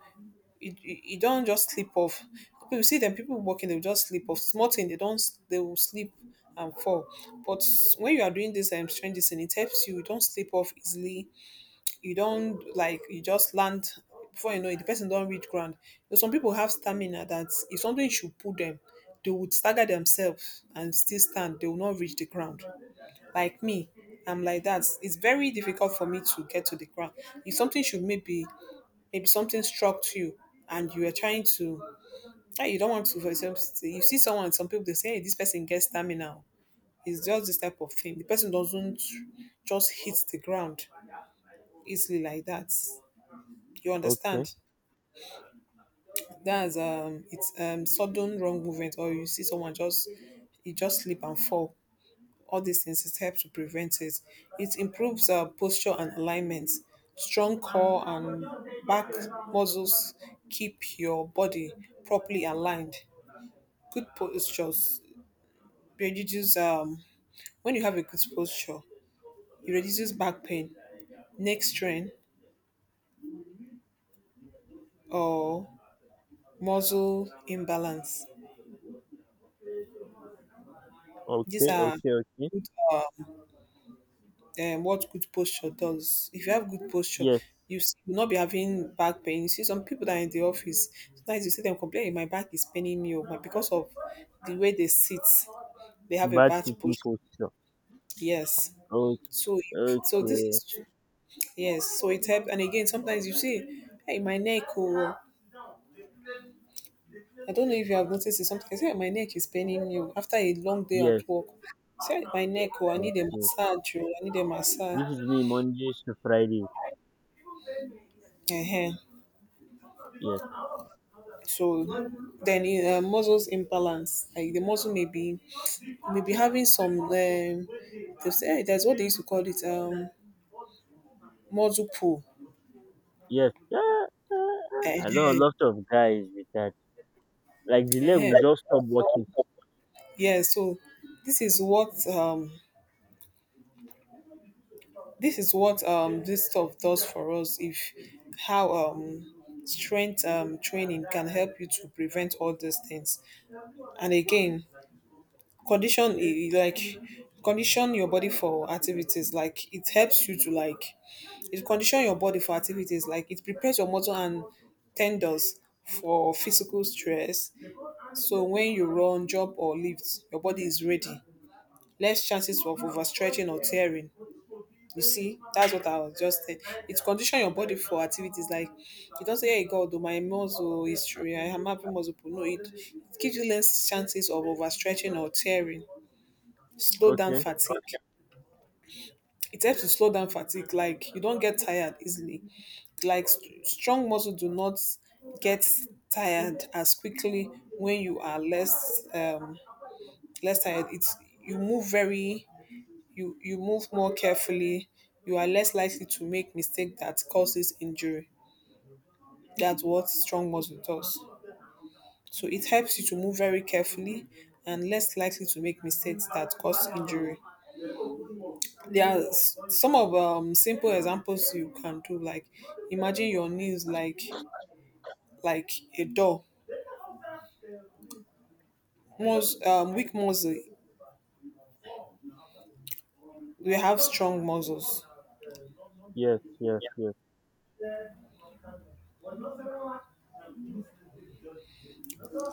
Speaker 2: you don't just sleep off. You see them, people walking, they'll just sleep off small thing, they don't, they will sleep and fall. But when you are doing this strange thing, it helps you, you don't sleep off easily. You don't like, you just land, before you know it the person don't reach ground. So some people have stamina that if something should pull them, they would stagger themselves and still stand, they will not reach the ground. Like me, I'm like that, it's very difficult for me to get to the ground. If something should, maybe something struck you and you are trying to you don't want to, you see someone, some people they say, hey, this person gets stamina. It's just this type of thing, the person doesn't just hit the ground easily like that. You
Speaker 1: okay,
Speaker 2: understand? That's um it's um sudden wrong movement, or you see someone just, you just slip and fall. All these things, it helps to prevent it. It improves posture and alignment. Strong core and back muscles keep your body properly aligned. Good postures reduces when you have a good posture, it reduces back pain, neck strain, or muscle imbalance. These
Speaker 1: okay,
Speaker 2: are
Speaker 1: okay, okay.
Speaker 2: good what good posture does. If you have good posture,
Speaker 1: Yes,
Speaker 2: will not be having back pain. You see some people that are in the office, sometimes you see them complaining, my back is paining me over, because of the way they sit. They have a
Speaker 1: bad
Speaker 2: bad
Speaker 1: sitting
Speaker 2: posture.
Speaker 1: posture.
Speaker 2: Yes.
Speaker 1: Okay,
Speaker 2: So so this
Speaker 1: okay.
Speaker 2: is yes. So it helps. And again, sometimes you see, hey, my neck, or I don't know if you have noticed it. Sometimes I say, "Hey, my neck is paining you after a long day at
Speaker 1: Yes,
Speaker 2: work." Say, "Hey, my
Speaker 1: yes,
Speaker 2: neck, or I
Speaker 1: yes,
Speaker 2: need a
Speaker 1: yes.
Speaker 2: massage, or I need a massage."
Speaker 1: This is me Mondays to Fridays.
Speaker 2: Uh-huh.
Speaker 1: Yes,
Speaker 2: So then muscles imbalance, like the muscle may be, having some, they say, that's what they used to call it, muscle pull.
Speaker 1: yes. Ah, ah, ah. I know a
Speaker 2: Uh-huh.
Speaker 1: lot of guys with that. Like the leg
Speaker 2: Uh-huh.
Speaker 1: will just stop
Speaker 2: So,
Speaker 1: working.
Speaker 2: yeah, so this is what um this is what this stuff does for us, if how strength training can help you to prevent all these things. And again, condition i- i- like condition your body for activities, it conditions your body for activities, like it prepares your muscle and tendons for physical stress. So when you run, jump, or lift, your body is ready. Less chances of overstretching or tearing. You see, that's what I was just saying. It conditions your body for activities, like you don't say, "Hey God, oh, my muscle is I am having muscle pain." No, it gives you less chances of overstretching or tearing. Slow down
Speaker 1: Okay.
Speaker 2: fatigue. It helps to slow down fatigue, like you don't get tired easily. Like strong muscle do not get tired as quickly. When you are less less tired, it's, you move very you move more carefully. You are less likely to make mistake that causes injury. That's what strong muscle does. So it helps you to move very carefully, and less likely to make mistakes that cause injury. There are some of simple examples you can do. Like imagine your knees like a door. Weak muscle, we have strong muscles.
Speaker 1: Yes, yes, yes,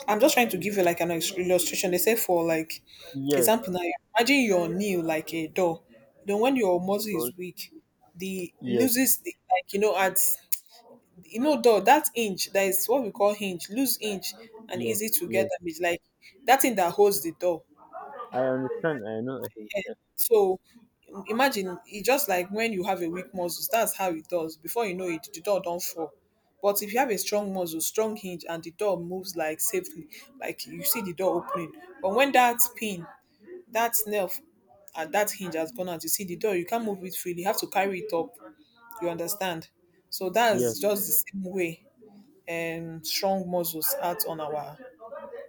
Speaker 2: I'm just trying to give you like an illustration, they say, for like
Speaker 1: yes.
Speaker 2: example now. Imagine your knee like a door. Then when your muscle
Speaker 1: Okay.
Speaker 2: is weak, the
Speaker 1: Yes,
Speaker 2: loses the, like you know, at, you know, door, that hinge, that is what we call hinge, loose hinge, and
Speaker 1: yes,
Speaker 2: easy to get
Speaker 1: yes.
Speaker 2: damage, like that thing that holds the door.
Speaker 1: I understand. I know. I think, yes.
Speaker 2: So imagine, it's just like when you have a weak muscles, that's how it does. Before you know it, the door don't fall. But if you have a strong muscle, strong hinge, and the door moves like safely, like you see the door opening. But when that pin, that nail and that hinge has gone out, you see the door, you can't move it freely. You have to carry it up. You understand? So
Speaker 1: Yes.
Speaker 2: that's just the same way strong muscles act on our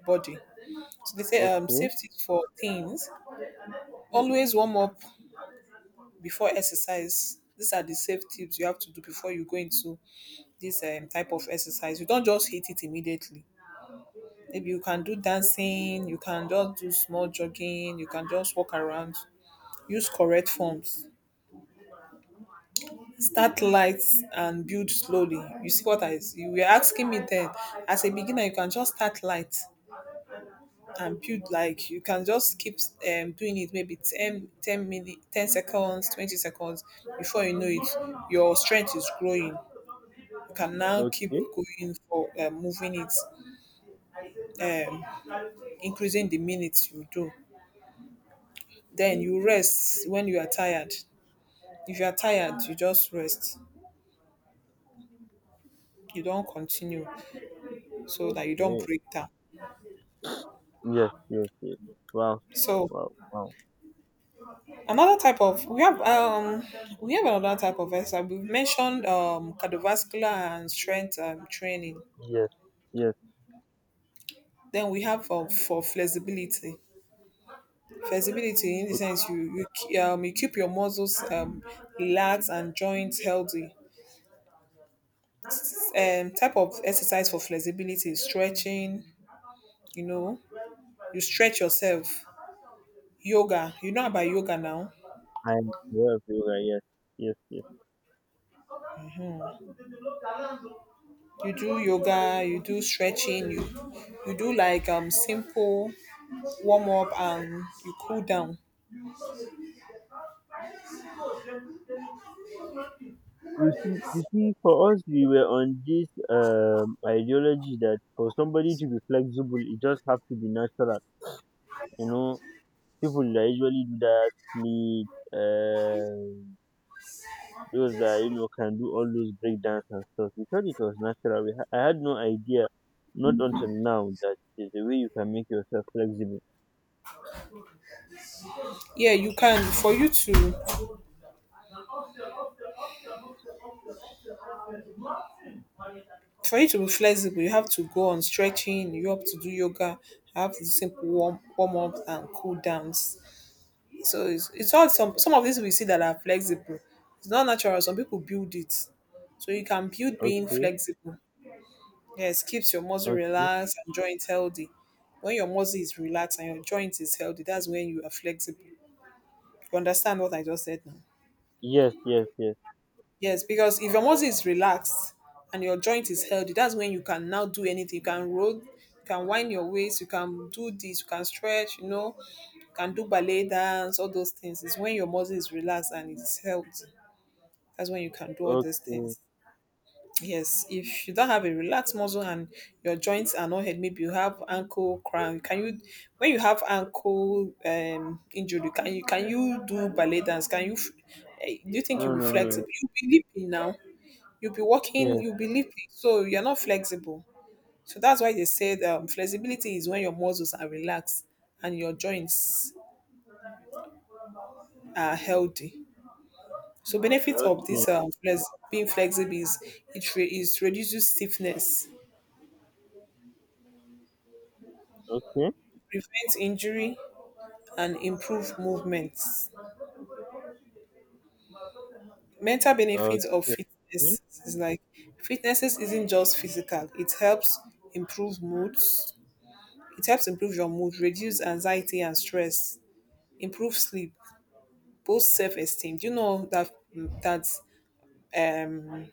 Speaker 2: body. So they say,
Speaker 1: Okay.
Speaker 2: safety for teens. Always warm up before exercise. These are the safe tips you have to do before you go into this type of exercise. You don't just hit it immediately. Maybe you can do dancing, you can just do small jogging, you can just walk around. Use correct forms. Start light and build slowly. You see what, I you were asking me then. As a beginner, you can just start light and build, like you can just keep doing it maybe ten, ten 10 minutes, 10 seconds, 20 seconds. Before you know it, your strength is growing, can now keep
Speaker 1: Okay.
Speaker 2: going for moving it, increasing the minutes you do. Then you rest when you are tired. If you are tired, you just rest. You don't continue, so that you don't
Speaker 1: Okay.
Speaker 2: break down.
Speaker 1: Yes. Yes. Yes. Wow.
Speaker 2: So
Speaker 1: Wow. Wow.
Speaker 2: another type of, we have another type of exercise. We've mentioned cardiovascular and strength training.
Speaker 1: Yes. Yes.
Speaker 2: Then we have for flexibility. Flexibility in the
Speaker 1: Okay.
Speaker 2: sense, you keep your muscles relaxed and joints healthy. Type of exercise for flexibility is stretching, you know, you stretch yourself. Yoga, you know about yoga now.
Speaker 1: I'm aware of yoga. Yes. Yes. Yes.
Speaker 2: You do yoga, you do stretching, you do like simple warm up and you cool down.
Speaker 1: You see, for us, we were on this ideology that for somebody to be flexible, it just have to be natural. You know, people that usually do that, sleep, uh, those that you know can do all those breakdance and stuff. We thought it was natural. I had no idea, not until now, that there's a way you can make yourself flexible.
Speaker 2: Yeah, you can, for you to be flexible, you have to go on stretching, you have to do yoga, have the simple warm up and cool downs. So it's all, some of these we see that are flexible, it's not natural. Some people build it. So you can build being
Speaker 1: Okay,
Speaker 2: flexible. Yes, keeps your muscle
Speaker 1: okay.
Speaker 2: relaxed and joint healthy. When your muscle is relaxed and your joint is healthy, that's when you are flexible. You understand what I just said now?
Speaker 1: Yes, yes, yes.
Speaker 2: Yes, because if your muscle is relaxed and your joint is healthy, that's when you can now do anything. You can roll, you can wind your waist, you can do this, you can stretch, you know, you can do ballet dance, all those things. It's when your muscle is relaxed and it's healthy. That's when you can do all these
Speaker 1: Okay.
Speaker 2: things. Yes, if you don't have a relaxed muscle and your joints are not held, maybe you have ankle cramp. Can you, when you have ankle injury, can you, do ballet dance? Can you? Do you think you'll
Speaker 1: No,
Speaker 2: be
Speaker 1: no, no. No.
Speaker 2: flexible? You'll be leaping now. You'll be walking.
Speaker 1: Yes.
Speaker 2: You'll be leaping. So you're not flexible. So that's why they said, flexibility is when your muscles are relaxed and your joints are healthy. So benefits of
Speaker 1: Okay.
Speaker 2: this flex, being flexible, is reduces stiffness,
Speaker 1: Okay.
Speaker 2: prevents injury, and improve movements. Mental benefits of
Speaker 1: Okay.
Speaker 2: fitness
Speaker 1: Mm.
Speaker 2: is like, fitness isn't just physical. It helps improve moods. It helps improve your mood, reduce anxiety and stress, improve sleep, boost self-esteem. Do you know that that um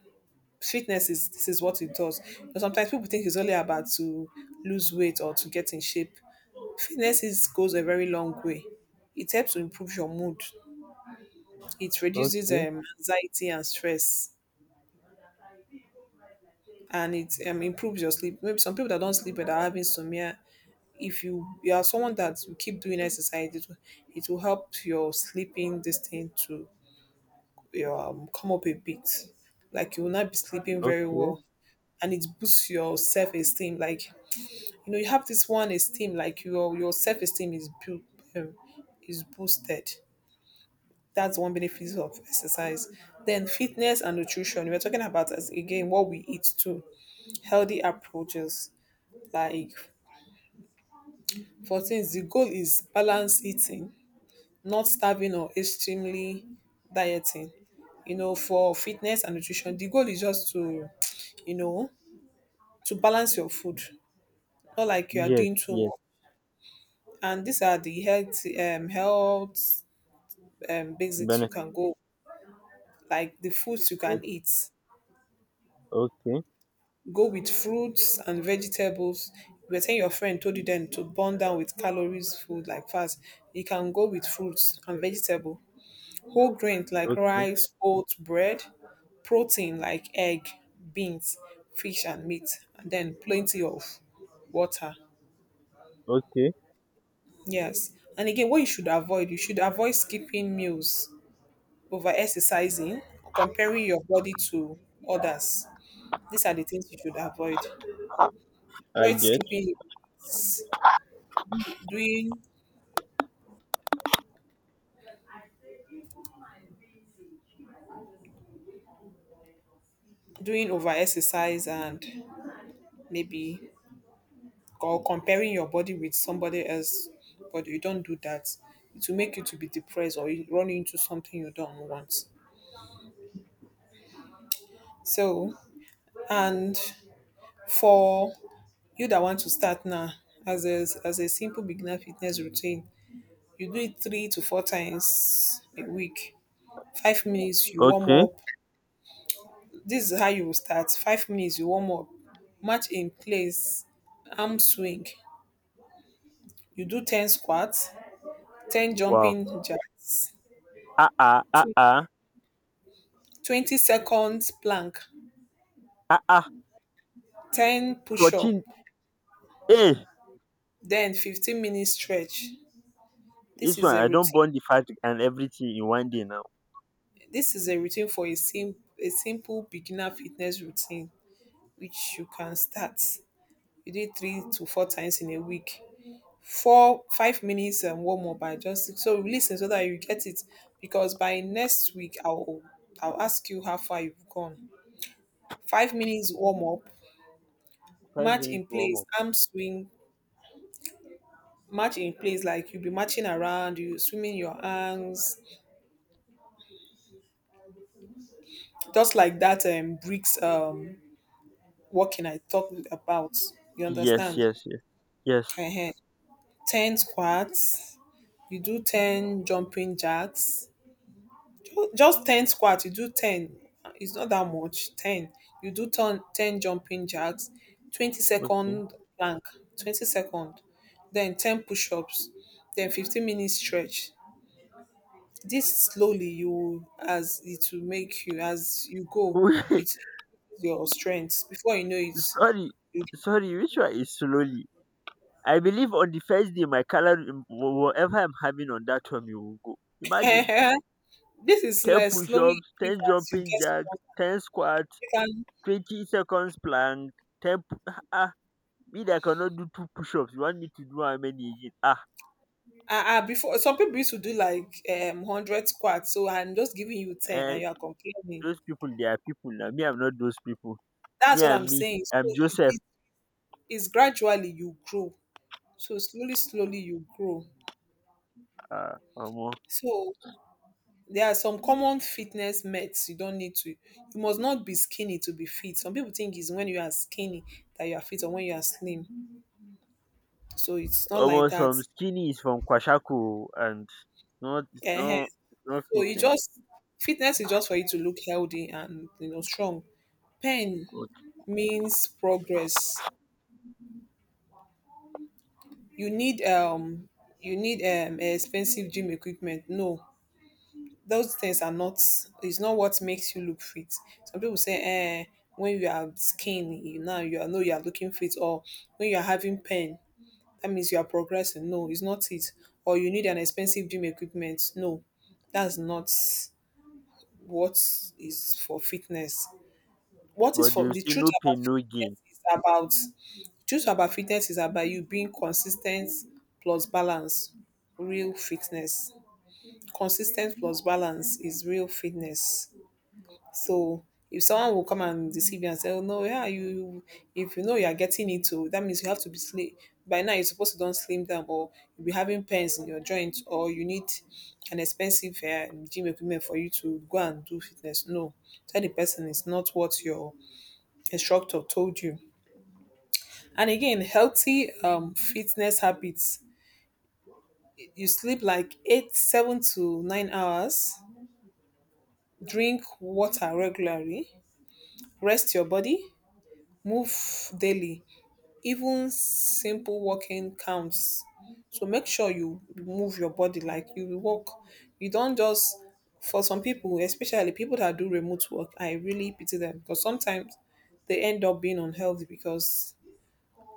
Speaker 2: fitness is, this is what it does. But sometimes people think it's only about to lose weight or to get in shape. Fitnesses goes a very long way. It helps to improve your mood. It reduces
Speaker 1: Okay.
Speaker 2: anxiety and stress, and it improves your sleep. Maybe some people that don't sleep but are having insomnia. If you are someone that you keep doing exercise, it will help your sleeping this thing to come up a bit. Like you will not be sleeping very
Speaker 1: Okay.
Speaker 2: well, and it boosts your self esteem. Like you know, you have this one esteem. Like your self esteem is built, um, is boosted. That's one benefit of exercise. Then fitness and nutrition. We're talking about, as again, what we eat too. Healthy approaches, like for things the goal is balanced eating, not starving or extremely dieting. You know, for fitness and nutrition, the goal is just to, you know, to balance your food. Not like you are
Speaker 1: Yes.
Speaker 2: doing too
Speaker 1: Yes.
Speaker 2: much. And these are the health basics you
Speaker 1: Benefit.
Speaker 2: can go, like the foods you
Speaker 1: O-
Speaker 2: can eat.
Speaker 1: Okay.
Speaker 2: Go with fruits and vegetables. You were saying your friend told you then to burn down with calories food like fast. You can go with fruits and vegetable. Whole grains like
Speaker 1: Okay.
Speaker 2: rice, oats, bread, protein like egg, beans, fish and meat, and then plenty of water.
Speaker 1: Okay.
Speaker 2: Yes. And again, what you should avoid skipping meals, over exercising, or comparing your body to others. These are the things you should avoid.
Speaker 1: I
Speaker 2: Avoid
Speaker 1: get.
Speaker 2: skipping meals. doing Doing over exercise, and maybe, or comparing your body with somebody else, but you don't do that, it will make you to be depressed, or you run into something you don't want. So, and for you that want to start now, as a, simple beginner fitness routine, you do it 3 to 4 times a week. 5 minutes you warm
Speaker 1: Okay.
Speaker 2: up. This is how you will start. 5 minutes you warm up, match in place, arm swing. You do 10 squats, 10
Speaker 1: Wow.
Speaker 2: jumping jacks,
Speaker 1: Ah, ah, ah,
Speaker 2: tw-
Speaker 1: ah,
Speaker 2: 20 seconds plank,
Speaker 1: ah, ah.
Speaker 2: 10 push up,
Speaker 1: 14. Eh.
Speaker 2: then 15-minute stretch. This
Speaker 1: This
Speaker 2: is
Speaker 1: one
Speaker 2: a
Speaker 1: I don't
Speaker 2: routine.
Speaker 1: burn the fat and everything in one day now.
Speaker 2: This is a routine for a simple beginner fitness routine, which you can start. You do it 3 to 4 times in a week. Four, 5 minutes and warm up. I just so listen so that you get it because by next week I'll ask you how far you've gone. 5 minutes warm up.
Speaker 1: Five
Speaker 2: Match
Speaker 1: minutes
Speaker 2: in
Speaker 1: warm
Speaker 2: place,
Speaker 1: up.
Speaker 2: arm swing, match in place, like you'll be marching around, you swimming your arms, just like that bricks, walking I talked about. You
Speaker 1: Yes,
Speaker 2: understand?
Speaker 1: yes, yes. Yes.
Speaker 2: uh 10 squats, you do 10 jumping jacks. Just 10 squats, you do 10. It's not that much, 10. You do 10, 10 jumping jacks, 20
Speaker 1: Okay. [LAUGHS]
Speaker 2: second plank, 20 second, then 10 push ups, then 15 minutes stretch. This slowly you as it will make you as you go,
Speaker 1: Wait,
Speaker 2: it increases your strength. Before you know it,
Speaker 1: sorry.
Speaker 2: you
Speaker 1: Sorry, which one is slowly? I believe on the first day my calorie whatever I'm having on that one you will go. Imagine
Speaker 2: [LAUGHS] this is
Speaker 1: ten
Speaker 2: like
Speaker 1: push
Speaker 2: slowly
Speaker 1: ups, ten
Speaker 2: increase as you
Speaker 1: jumping
Speaker 2: get
Speaker 1: jacks,
Speaker 2: stronger.
Speaker 1: ten squats,
Speaker 2: You can
Speaker 1: 20 seconds plank, [LAUGHS] ah, me that I cannot do two push ups. You want me to do how many again? Ah,
Speaker 2: before some people used to do like 100 squats, so I'm just giving you ten
Speaker 1: eh,
Speaker 2: and you are complaining.
Speaker 1: those people they are people now. Me I'm not those people. Me
Speaker 2: That's what
Speaker 1: and
Speaker 2: I'm
Speaker 1: me,
Speaker 2: saying. So
Speaker 1: I'm
Speaker 2: it,
Speaker 1: Joseph.
Speaker 2: it, it's gradually you grow. So slowly, slowly you grow.
Speaker 1: Omo,
Speaker 2: So there are some common fitness myths you don't need to. You must not be skinny to be fit. Some people think it's when you are skinny that you are fit or when you are slim. So it's not
Speaker 1: omo,
Speaker 2: like that.
Speaker 1: some skinny is from Kwashiorkor, and it's not, it's
Speaker 2: Ehen.
Speaker 1: not, it's not
Speaker 2: So you
Speaker 1: fitness
Speaker 2: just fitness is just for you to look healthy and you know strong. Pain
Speaker 1: coach.
Speaker 2: means progress. You need um you need expensive gym equipment. No. Those things are not, it's not what makes you look fit. Some people say eh, when you are skinny you now you are know you are looking fit, or when you are having pain that means you are progressing. No, it's not it. Or you need an expensive gym equipment. No, that's not what is for fitness. What is
Speaker 1: But they
Speaker 2: for
Speaker 1: will
Speaker 2: The
Speaker 1: say
Speaker 2: truth
Speaker 1: no
Speaker 2: about
Speaker 1: pain, no gain.
Speaker 2: fitness is about, truth about fitness is about you being consistent plus balance. Real fitness, consistent plus balance is real fitness. So if someone will come and deceive you and say, "Oh no, yeah, you if you know you are getting it, oh, that means you have to be slim. By now you're supposed to don't slim down, or you'll be having pains in your joints, or you need an expensive gym equipment for you to go and do fitness." No, tell the person it's not what your instructor told you. And again, healthy fitness habits. You sleep like eight, 7 to 9 hours. Drink water regularly. Rest your body. Move daily, even simple walking counts. So make sure you move your body, like you walk. You don't just, for some people, especially people that do remote work, I really pity them, because sometimes they end up being unhealthy because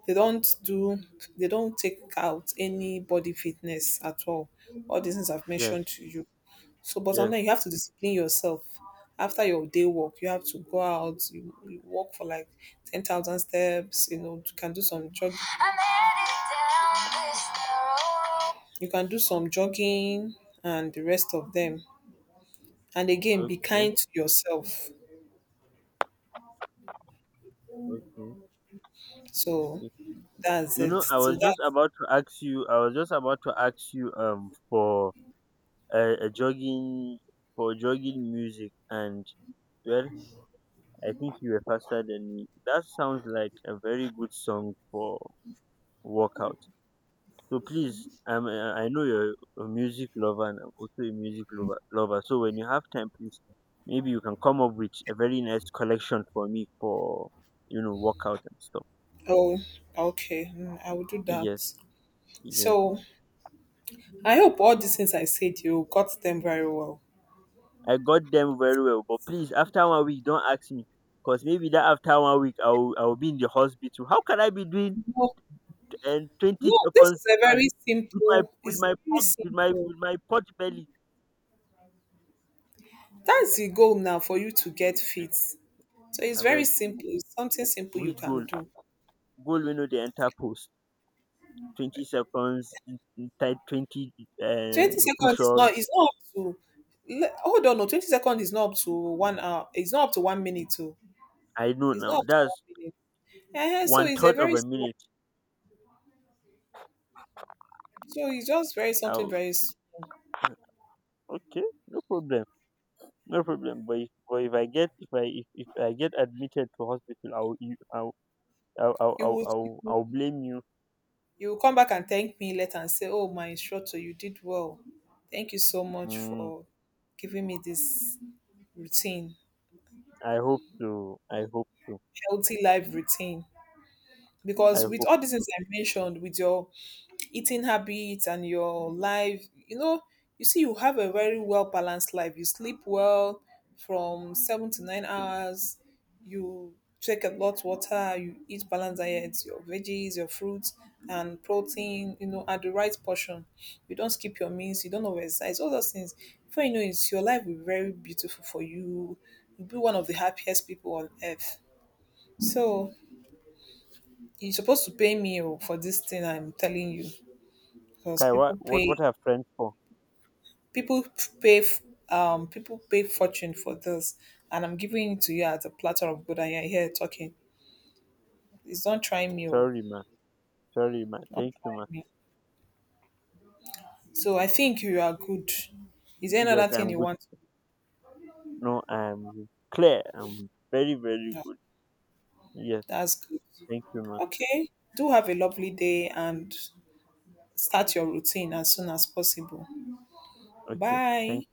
Speaker 2: they don't do, they don't take out any body fitness at all these things I've
Speaker 1: Yes,
Speaker 2: mentioned to you. So, but
Speaker 1: yes.
Speaker 2: sometimes you have to discipline yourself. After your day work, you have to go out. You walk for like 10,000 steps. You know, you can do some jogging. You can do some jogging and the rest of them. And again, be
Speaker 1: Okay,
Speaker 2: kind to yourself.
Speaker 1: okay.
Speaker 2: So
Speaker 1: Okay.
Speaker 2: that's
Speaker 1: You
Speaker 2: it.
Speaker 1: know, I
Speaker 2: So
Speaker 1: was just
Speaker 2: that's,
Speaker 1: about to ask you. I was just about to ask you for a jogging for jogging music, and well, I think you were faster than me. That sounds like a very good song for workout. So please, I know you're a music lover, and I'm also a music lover. So when you have time, please, maybe you can come up with a very nice collection for me for, workout and stuff.
Speaker 2: oh, okay. Mm, I will do
Speaker 1: Yes,
Speaker 2: that.
Speaker 1: yes.
Speaker 2: So I hope all these things I said you got them very well.
Speaker 1: I got them very well. But please, after one week, don't ask me. Because maybe that after one week, I'll be in the hospital. How can I be doing and 20
Speaker 2: No, this
Speaker 1: seconds
Speaker 2: is a
Speaker 1: prank
Speaker 2: very
Speaker 1: with
Speaker 2: simple, it's very
Speaker 1: with my,
Speaker 2: simple.
Speaker 1: with my pot belly?
Speaker 2: That's the goal now for you to get fit. So it's
Speaker 1: I
Speaker 2: very
Speaker 1: beg,
Speaker 2: simple. It's something simple you
Speaker 1: which
Speaker 2: can
Speaker 1: goal?
Speaker 2: do.
Speaker 1: Goal we know the enter post. 20 seconds, type 20 uh,
Speaker 2: 20
Speaker 1: push
Speaker 2: seconds is not
Speaker 1: ups.
Speaker 2: It's not up to, hold on, no, 20 seconds is not up to 1 hour. It's not up to 1 minute too.
Speaker 1: I know
Speaker 2: It's
Speaker 1: now.
Speaker 2: not up to
Speaker 1: That's
Speaker 2: 1 minute. So
Speaker 1: one
Speaker 2: it's a
Speaker 1: third of
Speaker 2: very
Speaker 1: a
Speaker 2: small,
Speaker 1: minute.
Speaker 2: so it's just very something
Speaker 1: I'll,
Speaker 2: very
Speaker 1: okay, no problem. No problem. But if I get admitted to hospital, I'll you I'll I'll I'll
Speaker 2: you
Speaker 1: I'll,
Speaker 2: would, you
Speaker 1: I'll,
Speaker 2: will,
Speaker 1: I'll blame you.
Speaker 2: you will come back and thank me later and say, "Oh my instructor, you did well. Thank you so much
Speaker 1: Mm,
Speaker 2: for giving me this routine.
Speaker 1: I hope so. I hope so.
Speaker 2: Healthy life routine?"
Speaker 1: I
Speaker 2: Because with
Speaker 1: hope
Speaker 2: all these
Speaker 1: so.
Speaker 2: things I mentioned, with your eating habits and your life, you know, you see, you have a very well balanced life. You sleep well from 7 to 9 hours. You drink a lot water. You eat balanced diets, your veggies, your fruits, and protein. You know, at the right portion. You don't skip your meals. You don't overexercise. All those things. Before you know it, your life will be very beautiful for you. You'll be one of the happiest people on earth. So you're supposed to pay me oh, for this thing I'm telling you. Because
Speaker 1: Kai, what
Speaker 2: people pay
Speaker 1: are friends for?
Speaker 2: People pay, people pay fortune for this, and I'm giving it to you as a platter of good and you're here talking. It's not trying me oh,
Speaker 1: Sorry, ma. Sorry, ma.
Speaker 2: not
Speaker 1: Thank you,
Speaker 2: trying
Speaker 1: ma.
Speaker 2: me. So I think you are good. Is there
Speaker 1: Yes,
Speaker 2: another thing
Speaker 1: I'm
Speaker 2: you
Speaker 1: good.
Speaker 2: want?
Speaker 1: No, I'm clear. I'm very very
Speaker 2: No,
Speaker 1: good. Yes,
Speaker 2: that's good.
Speaker 1: thank you, ma.
Speaker 2: Okay. Do have a lovely day and start your routine as soon as possible.
Speaker 1: Ok, thank
Speaker 2: Bye.